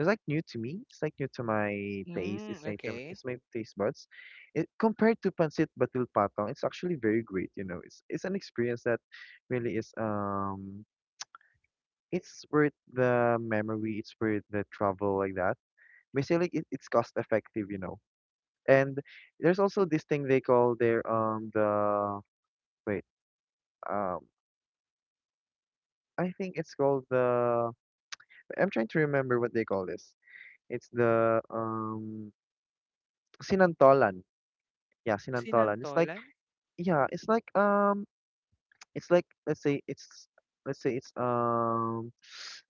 S2: It's like new to me. It's like new to my taste. It's
S1: Mm,
S2: new to
S1: okay.
S2: it's my taste buds. It compared to pancit batil patong, it's actually very great. You know, it's an experience that really is it's worth the memory. It's worth the travel like that. Basically, it's cost effective. You know, and there's also this thing they call their the wait um I think it's called the— I'm trying to remember what they call this. It's the sinantolan. Yeah, sinantolan. It's like—
S1: Sinantolan?
S2: yeah, it's like it's like, let's say it's— let's say it's um.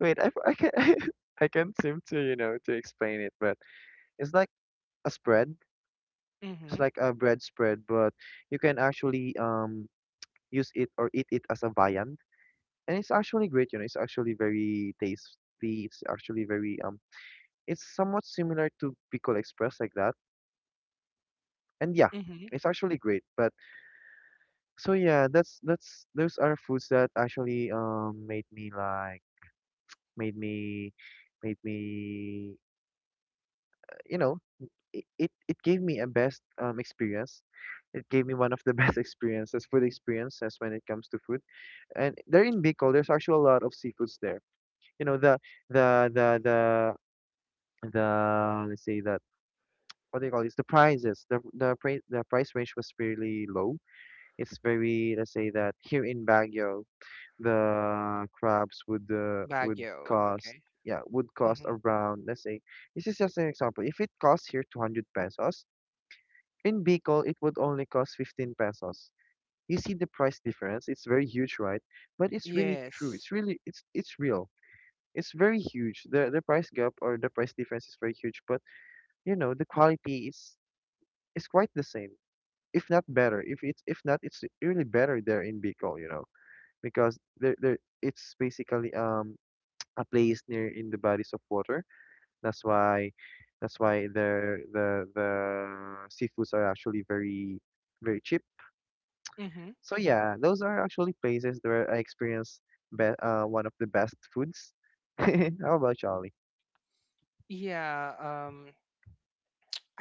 S2: Wait, I can I can't seem to to explain it, but it's like a spread. It's
S1: Mm-hmm.
S2: like a bread spread, but you can actually use it or eat it as a viand, and it's actually great. You know, it's actually very tasty. It's actually very. It's somewhat similar to Bicol Express like that, and yeah,
S1: Mm-hmm.
S2: it's actually great. But so yeah, that's those are foods that actually made me like— made me made me you know it gave me a best experience. It gave me one of the best experiences— food experiences when it comes to food. And there in Bicol there's actually a lot of seafoods there. You know, the the the the let's say that— what do you call this— the prices the price range was really low. It's very— let's say that here in Baguio, the crabs would
S1: Baguio.
S2: cost—
S1: Okay.
S2: yeah, would cost
S1: Mm-hmm.
S2: around, let's say— this is just an example— if it costs here 200 pesos, in Bicol it would only cost 15 pesos. You see the price difference? It's very huge, right? But it's really true,
S1: Yes.
S2: it's really— it's real. It's very huge, the price gap or the price difference is very huge, but you know the quality is— is quite the same, if not better. If it's— if not, it's really better there in Bicol, you know. Because there, it's basically a place near in the bodies of water. That's why, that's why the seafoods are actually very, very cheap.
S1: Mm-hmm.
S2: So yeah, those are actually places where I experience— be one of the best foods. How about Charlie?
S1: Yeah.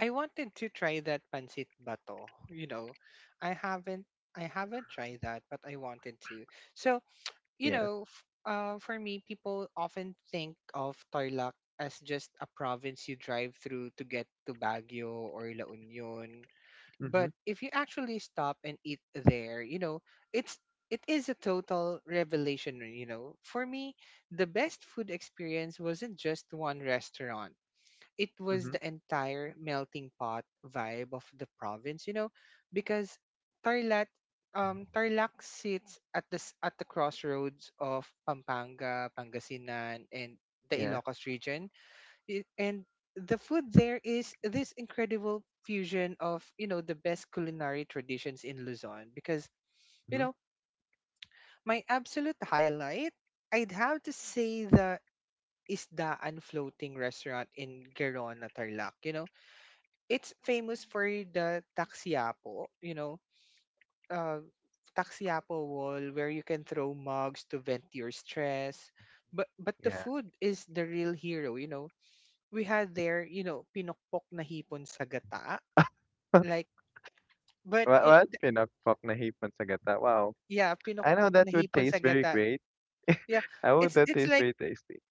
S1: I wanted to try that pancit bato. You know, I haven't. I haven't tried that, but I wanted to. So
S2: Yeah.
S1: for me, people often think of Tarlac as just a province you drive through to get to Baguio or La Union. But
S2: Mhm.
S1: if you actually stop and eat there, it's it is a total revelation, you know. For me, the best food experience wasn't just one restaurant. It was
S2: Mhm.
S1: the entire melting pot vibe of the province, because Tarlac Tarlac sits at at the crossroads of Pampanga, Pangasinan, and the
S2: Yeah.
S1: Ilocos region and the food there is this incredible fusion of, you know, the best culinary traditions in Luzon because, you
S2: Mhm.
S1: know, my absolute highlight, I'd have to say the Isdaan floating restaurant in Gerona Tarlac, you know. It's famous for the taxiapo, you know, uh taxiapo wall where you can throw mugs to vent your stress, but the
S2: Yeah.
S1: food is the real hero, you know. We had their, pinokpok na hipon sa gata. Like, but
S2: What,
S1: it,
S2: what?
S1: th-
S2: Pinakpak na hipon sa gata. Wow.
S1: yeah,
S2: I know
S1: pinokpok na
S2: that would
S1: hipon sa
S2: taste very
S1: gata.
S2: great.
S1: Yeah,
S2: I would—
S1: it's
S2: that
S1: it's
S2: taste
S1: like
S2: very tasty.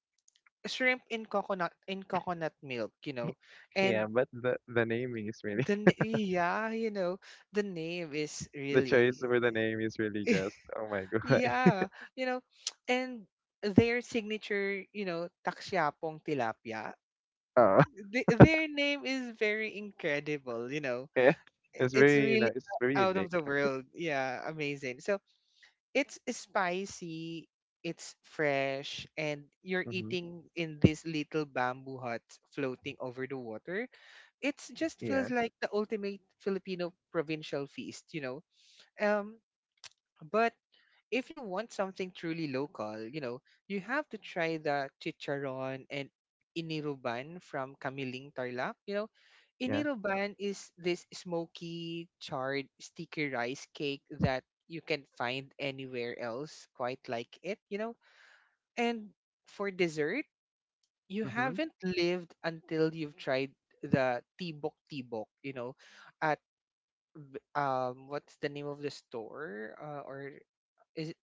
S1: shrimp in coconut milk, and
S2: Yeah, but the name is really
S1: yeah, the name is
S2: the choice
S1: really
S2: for the name is really just oh my god.
S1: yeah, you know, and their signature, taksiapong tilapia.
S2: Oh.
S1: Their name is very incredible, you know.
S2: Yeah. It's
S1: It's
S2: very, you know,
S1: really
S2: it's very
S1: out
S2: unique.
S1: of the world. Yeah, amazing. So it's spicy, it's fresh, and you're
S2: Mm-hmm.
S1: eating in this little bamboo hut floating over the water. It just
S2: Yeah.
S1: feels like the ultimate Filipino provincial feast, you know. Um, but if you want something truly local, you have to try the chicharon and iniruban from Kamiling Tarlac. You know,
S2: Yeah.
S1: iniruban is this smoky, charred, sticky rice cake that you can find anywhere else quite like it, you know. And for dessert, you
S2: Mm-hmm.
S1: haven't lived until you've tried the tibok tibok, at what's the name of the store or is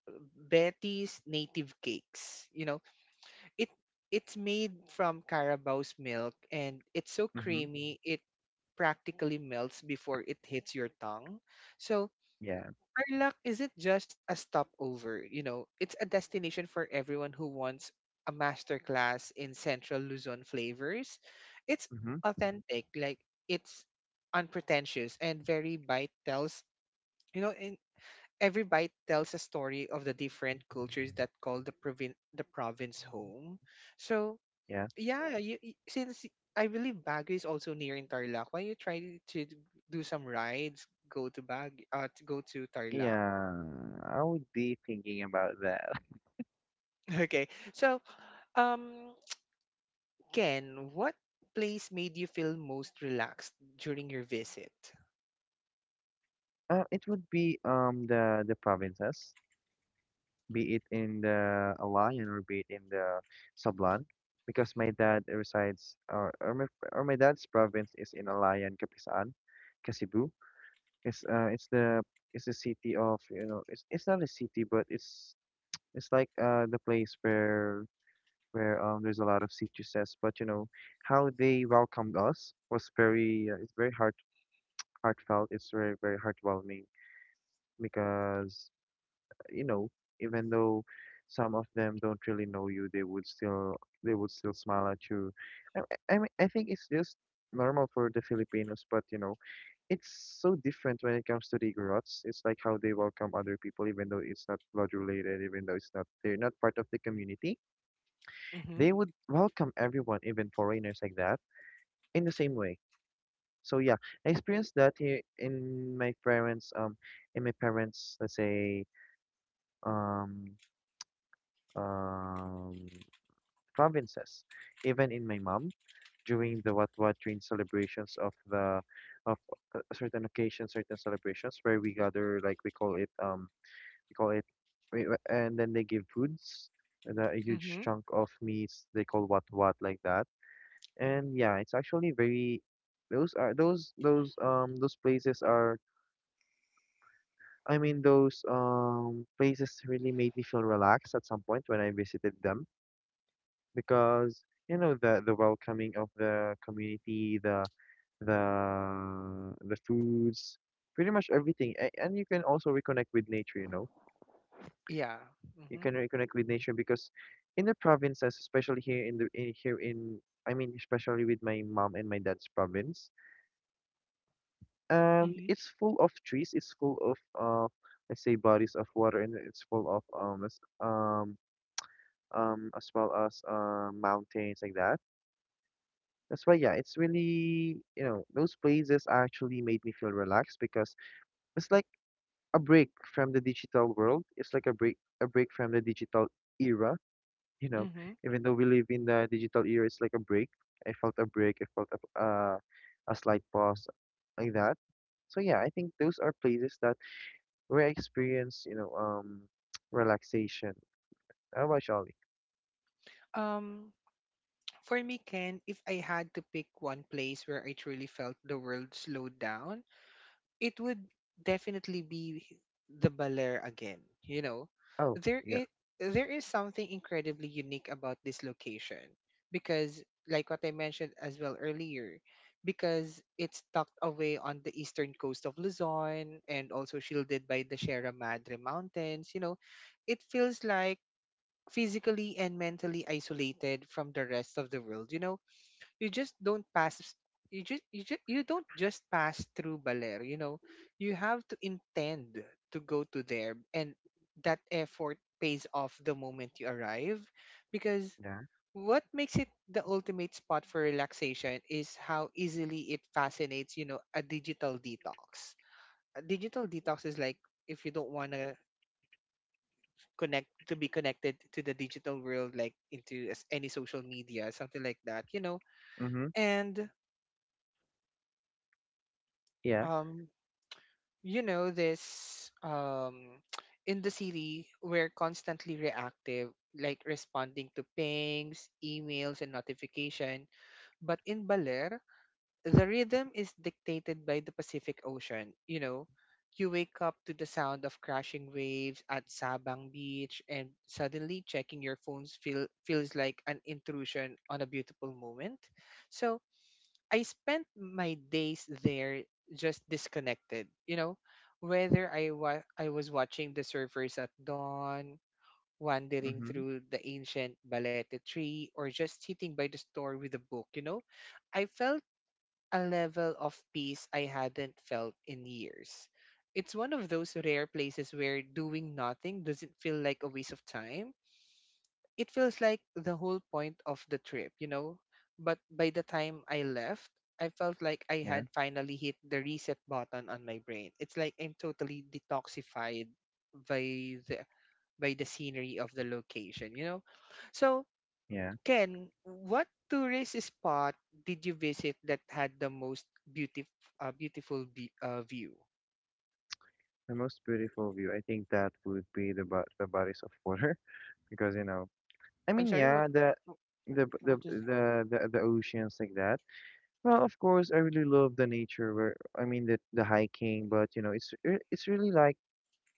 S1: Betty's native cakes. It it's made from carabao's milk and it's so
S2: Mm-hmm.
S1: creamy it practically melts before it hits your tongue. So
S2: Yeah.
S1: our isn't just a stopover, it's a destination for everyone who wants a masterclass in Central Luzon flavors. It's
S2: Mm-hmm.
S1: authentic, like it's unpretentious and very bite tells you know, in Every bite tells a story of the different cultures that call the the province home. So
S2: Yeah.
S1: yeah, you, y- since y- I believe Baguio is also near in Tarlac, why you try to do some rides, go to go to Tarlac.
S2: Yeah. I would be thinking about that.
S1: Okay, so um, Ken, what place made you feel most relaxed during your visit?
S2: It would be the provinces, be it in the Alayan or be it in the Sablan, because my dad resides, or my— or my dad's province is in Alayan, Kapisan, Kasibu. It's the— it's the city of, you know, it's— it's not a city, but it's— it's like the place where— where there's a lot of CTSs, but you know how they welcomed us was very it's very heart— heartfelt. It's very, very heartwarming, because, you know, even though some of them don't really know you, they would still— they would still smile at you. I I mean, I think it's just normal for the Filipinos, but you know it's so different when it comes to the Igorots. It's like how they welcome other people, even though it's not blood related, even though it's not— they're not part of the community.
S1: Mm-hmm.
S2: They would welcome everyone, even foreigners like that, in the same way. So yeah, I experienced that here in my parents in my parents, let's say, um um provinces, even in my mom, during the Watwa, during celebrations of the— of certain occasions, certain celebrations where we gather, like we call it we call it— and then they give foods and a huge
S1: Mm-hmm.
S2: chunk of meats they call watwat like that. And yeah, it's actually very— those are— those places are— I mean, those places really made me feel relaxed at some point when I visited them, because, you know, the welcoming of the community, the the foods, pretty much everything. And you can also reconnect with nature, you know.
S1: Yeah.
S2: You
S1: Mm-hmm.
S2: can reconnect with nature because in the provinces, especially here in the— in, here in— I mean, especially with my mom and my dad's province—
S1: Mm-hmm.
S2: it's full of trees. It's full of let's say, bodies of water, and it's full of as well as mountains like that. That's why, yeah, it's really, you know, those places actually made me feel relaxed because it's like a break from the digital world. It's like a break from the digital era. You know,
S1: Mm-hmm.
S2: even though we live in the digital era, it's like a break. I felt a break. I felt a slight pause like that. So yeah, I think those are places that— where I experience, you know, relaxation. How about Charlie?
S1: Um. For me, Ken, if I had to pick one place where I truly felt the world slowed down, it would definitely be the Balear again. You know,
S2: Oh,
S1: there
S2: yeah.
S1: is there is something incredibly unique about this location because, like what I mentioned as well earlier, because it's tucked away on the eastern coast of Luzon and also shielded by the Sierra Madre Mountains. You know, it feels like physically and mentally isolated from the rest of the world. You know, you just don't pass you don't just pass through Baler, you know. You have to intend to go to there and that effort pays off the moment you arrive because
S2: Yeah.
S1: what makes it the ultimate spot for relaxation is how easily it fascinates, a digital detox. A digital detox is like if you don't want to connect to be connected to the digital world, like into any social media, something like that, you know.
S2: Mm-hmm.
S1: And
S2: Yeah.
S1: um you know this in the city we're constantly reactive, like responding to pings, emails and notification, but in Baler the rhythm is dictated by the Pacific Ocean, you know. You wake up to the sound of crashing waves at Sabang Beach, and suddenly checking your phones feels like an intrusion on a beautiful moment. So I spent my days there just disconnected, whether I was watching the surfers at dawn, wandering
S2: Mm-hmm.
S1: through the ancient balete tree, or just sitting by the store with a book, I felt a level of peace I hadn't felt in years. It's one of those rare places where doing nothing doesn't feel like a waste of time. It feels like the whole point of the trip, But by the time I left, I felt like I
S2: Yeah.
S1: had finally hit the reset button on my brain. It's like I'm totally detoxified by the by the scenery of the location, you know. So,
S2: Yeah.
S1: Ken, what tourist spot did you visit that had the most beautiful beautiful view?
S2: The most beautiful view. I think that would be the bo- the bodies of water because you know. I
S1: I'm
S2: mean,
S1: sorry,
S2: yeah, the— the b- the
S1: what is?
S2: the the, the oceans like that. Well, of course, I really love the nature. Where I mean, the— the hiking, but you know, it's re- it's really like—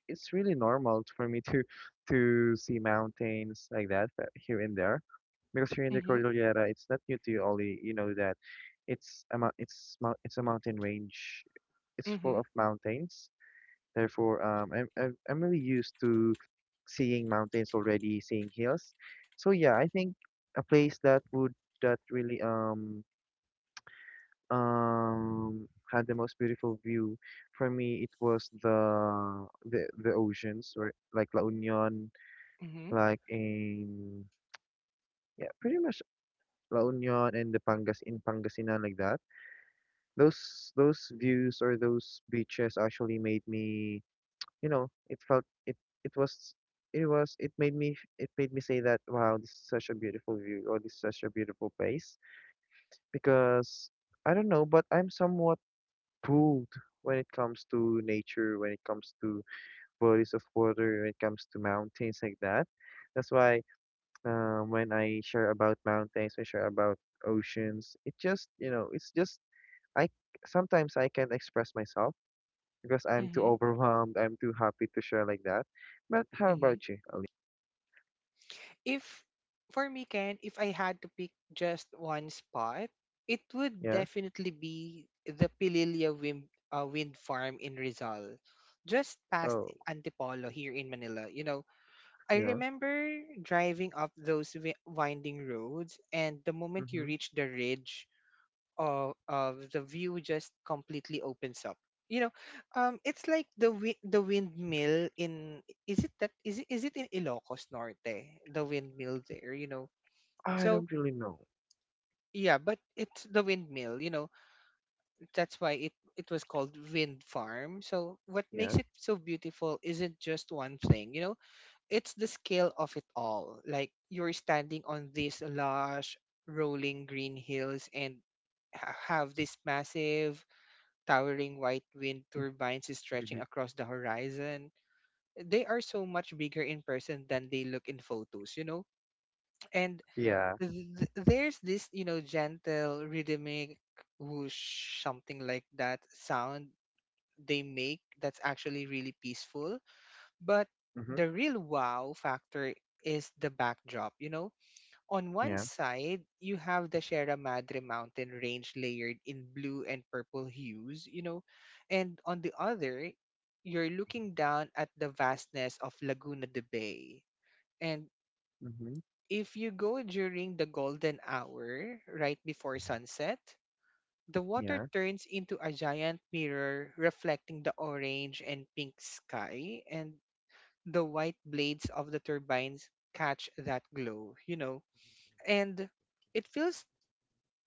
S2: it's really normal for me to to see mountains like that, here and there. Because here in the
S1: Mhm.
S2: Cordillera, it's not new to you, Ollie. You know that it's a mou- it's a mountain range. It's full
S1: Mhm.
S2: of mountains. Therefore, I'm really used to seeing mountains already, seeing hills. So yeah, I think a place that would— that really um had the most beautiful view, for me it was the the oceans, or like La Union, like in— yeah, pretty much La Union and the Pangas in Pangasinan like that. Those— those views or those beaches actually made me, you know, it felt— it— it was— it was— it made me— it made me say that wow, this is such a beautiful view, or this is such a beautiful place, because I don't know, but I'm somewhat pulled when it comes to nature, when it comes to bodies of water, when it comes to mountains like that. That's why, when I share about mountains, I share about oceans. It just, you know, it's just— I sometimes I can't express myself because I'm too
S1: Mhm.
S2: overwhelmed. I'm too happy to share like that. But how
S1: Mhm.
S2: about you, Ali?
S1: If for me, Ken, if I had to pick just one spot, it would
S2: Yeah.
S1: definitely be the Pililia wind wind farm in Rizal, just past
S2: Oh,
S1: Antipolo here in Manila. You know, I
S2: yeah.
S1: remember driving up those winding roads, and the moment you
S2: Mm-hmm.
S1: reach the ridge, the view just completely opens up. You know, it's like the the windmill in, is it that, is it in Ilocos Norte? The windmill there, you know.
S2: I
S1: So
S2: don't really know.
S1: yeah, but it's the windmill. You know, that's why it it was called wind farm. So what makes
S2: Yeah.
S1: it so beautiful isn't just one thing. You know, it's the scale of it all. Like you're standing on these lush, rolling green hills and have this massive towering white wind turbines
S2: Mm-hmm.
S1: stretching across the horizon. They are so much bigger in person than they look in photos, you know? And
S2: Yeah.
S1: there's this, gentle, rhythmic whoosh, something like that sound they make that's actually really peaceful. But
S2: Mm-hmm.
S1: the real wow factor is the backdrop, you know? On one
S2: Yeah.
S1: side, you have the Sierra Madre mountain range layered in blue and purple hues, you know, and on the other, you're looking down at the vastness of Laguna de Bay. And
S2: Mm-hmm.
S1: if you go during the golden hour, right before sunset, the water
S2: Yeah.
S1: turns into a giant mirror reflecting the orange and pink sky, and the white blades of the turbines catch that glow, you know. And it feels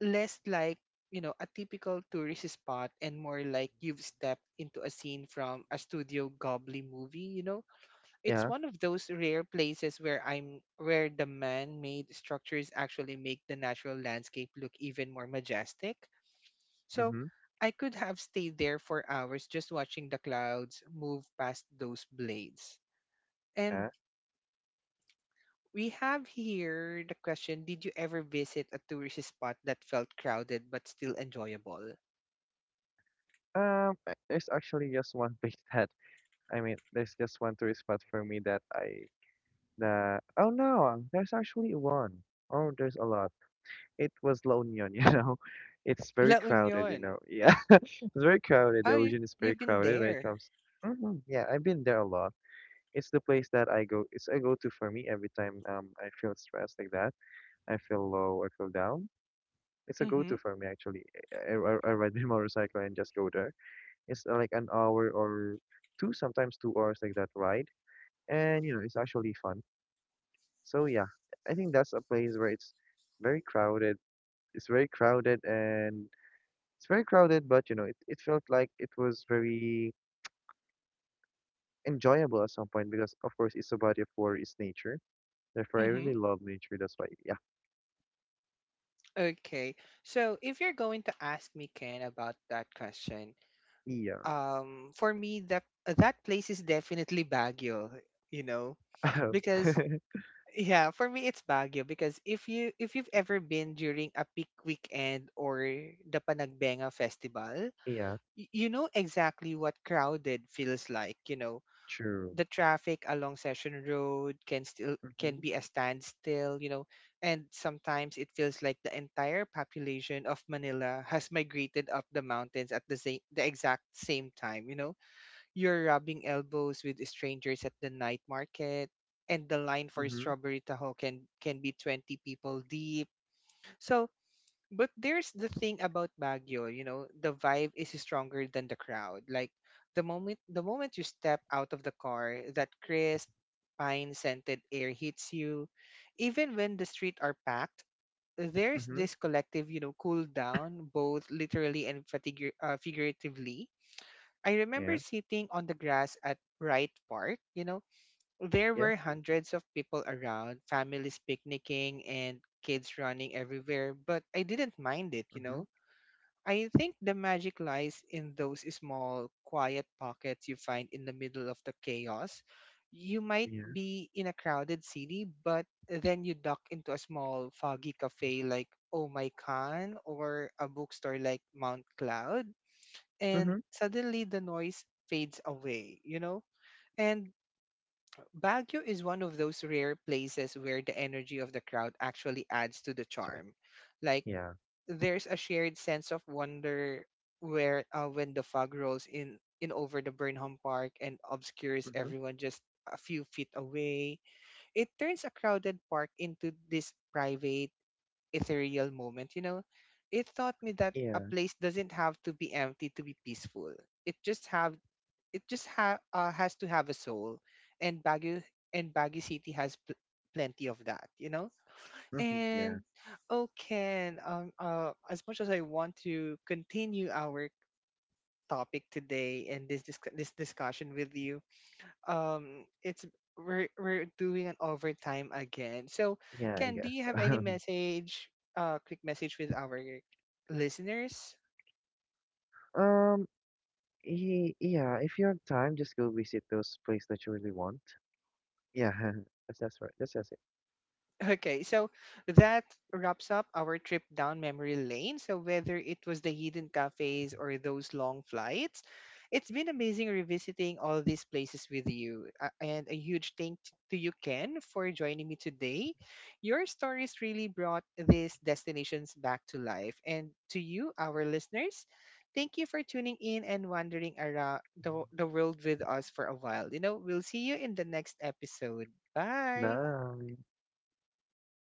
S1: less like, you know, a typical tourist spot and more like you've stepped into a scene from a Studio Ghibli movie, you know. It's
S2: Yeah.
S1: one of those rare places where I'm where the man-made structures actually make the natural landscape look even more majestic. So
S2: Mm-hmm.
S1: I could have stayed there for hours just watching the clouds move past those blades. And
S2: Yeah.
S1: we have here the question, did you ever visit a tourist spot that felt crowded but still enjoyable?
S2: I- there's actually just one place that— I mean, there's just one tourist spot for me that I— the— oh no, there's actually one. Oh, there's a lot. It was La Union, you know. It's
S1: La
S2: very crowded, you
S1: Union.
S2: know. Yeah, it's very crowded.
S1: Oh,
S2: The Origin is
S1: you've
S2: very
S1: been
S2: crowded when it
S1: there.
S2: comes. Hmm. Yeah, I've been there a lot. It's the place that I go. It's a go-to for me every time I feel stressed like that. I feel low. I feel down. It's a
S1: Mm-hmm.
S2: go-to for me actually. I ride my motorcycle and just go there. It's like an hour or two, sometimes 2 hours like that ride, and you know it's actually fun. So yeah, I think that's a place where it's very crowded. It's very crowded, and but you know, it felt like it was very enjoyable at some point because of course it's a body of water, it's nature. Therefore I
S1: Mm-hmm.
S2: really love nature. That's why, yeah.
S1: Okay. So if you're going to ask me, Ken, about that question,
S2: Yeah.
S1: for me that that place is definitely Baguio, you know, because yeah, for me it's Baguio because if you if you've ever been during a peak weekend or the Panagbenga festival,
S2: Yeah,
S1: you know exactly what crowded feels like, you know.
S2: true.
S1: The traffic along Session Road can
S2: Mm-hmm.
S1: be a standstill, you know, and sometimes it feels like the entire population of Manila has migrated up the mountains at the exact same time, you know. You're rubbing elbows with strangers at the night market and the line for
S2: Mm-hmm.
S1: strawberry taho can be 20 people deep. So, but there's the thing about Baguio, you know, the vibe is stronger than the crowd. Like the moment you step out of the car, that crisp pine scented air hits you. Even when the streets are packed, there's
S2: Mm-hmm.
S1: this collective, you know, cool down, both literally and figuratively. I remember
S2: Yeah.
S1: sitting on the grass at Wright Park, there
S2: Yeah.
S1: were hundreds of people around, families picnicking and kids running everywhere, but I didn't mind it, you
S2: Mm-hmm.
S1: know. I think the magic lies in those small, quiet pockets you find in the middle of the chaos. You might
S2: Yeah.
S1: be in a crowded city, but then you duck into a small, foggy cafe like Oh My Khan, or a bookstore like Mount Cloud, and
S2: Mm-hmm.
S1: suddenly the noise fades away, you know? And Baguio is one of those rare places where the energy of the crowd actually adds to the
S2: Sorry.
S1: charm. Like,
S2: Yeah.
S1: there's a shared sense of wonder where when the fog rolls in over the Burnham Park and obscures
S2: Mm-hmm.
S1: everyone just a few feet away. It turns a crowded park into this private, ethereal moment, you know. It taught me that a
S2: Yeah.
S1: place doesn't have to be empty to be peaceful. It just have it just has to have a soul. And Baguio City has plenty of that, you know.
S2: Mm-hmm. Yeah.
S1: And oh, Ken, as much as I want to continue our topic today and this disc this discussion with you, it's we're doing an overtime again. So,
S2: Yeah, I
S1: Ken, do you
S2: guess.
S1: have any message, quick message with our listeners?
S2: Um, yeah, if you have time, just go visit those places that you really want. Yeah, that's right. That's it.
S1: Okay, so that wraps up our trip down memory lane. So, whether it was the hidden cafes or those long flights, it's been amazing revisiting all these places with you. And a huge thank to you, Ken, for joining me today. Your stories really brought these destinations back to life. And to you, our listeners, thank you for tuning in and wandering around the world with us for a while. You know, we'll see you in the next episode. Bye.
S2: Bye.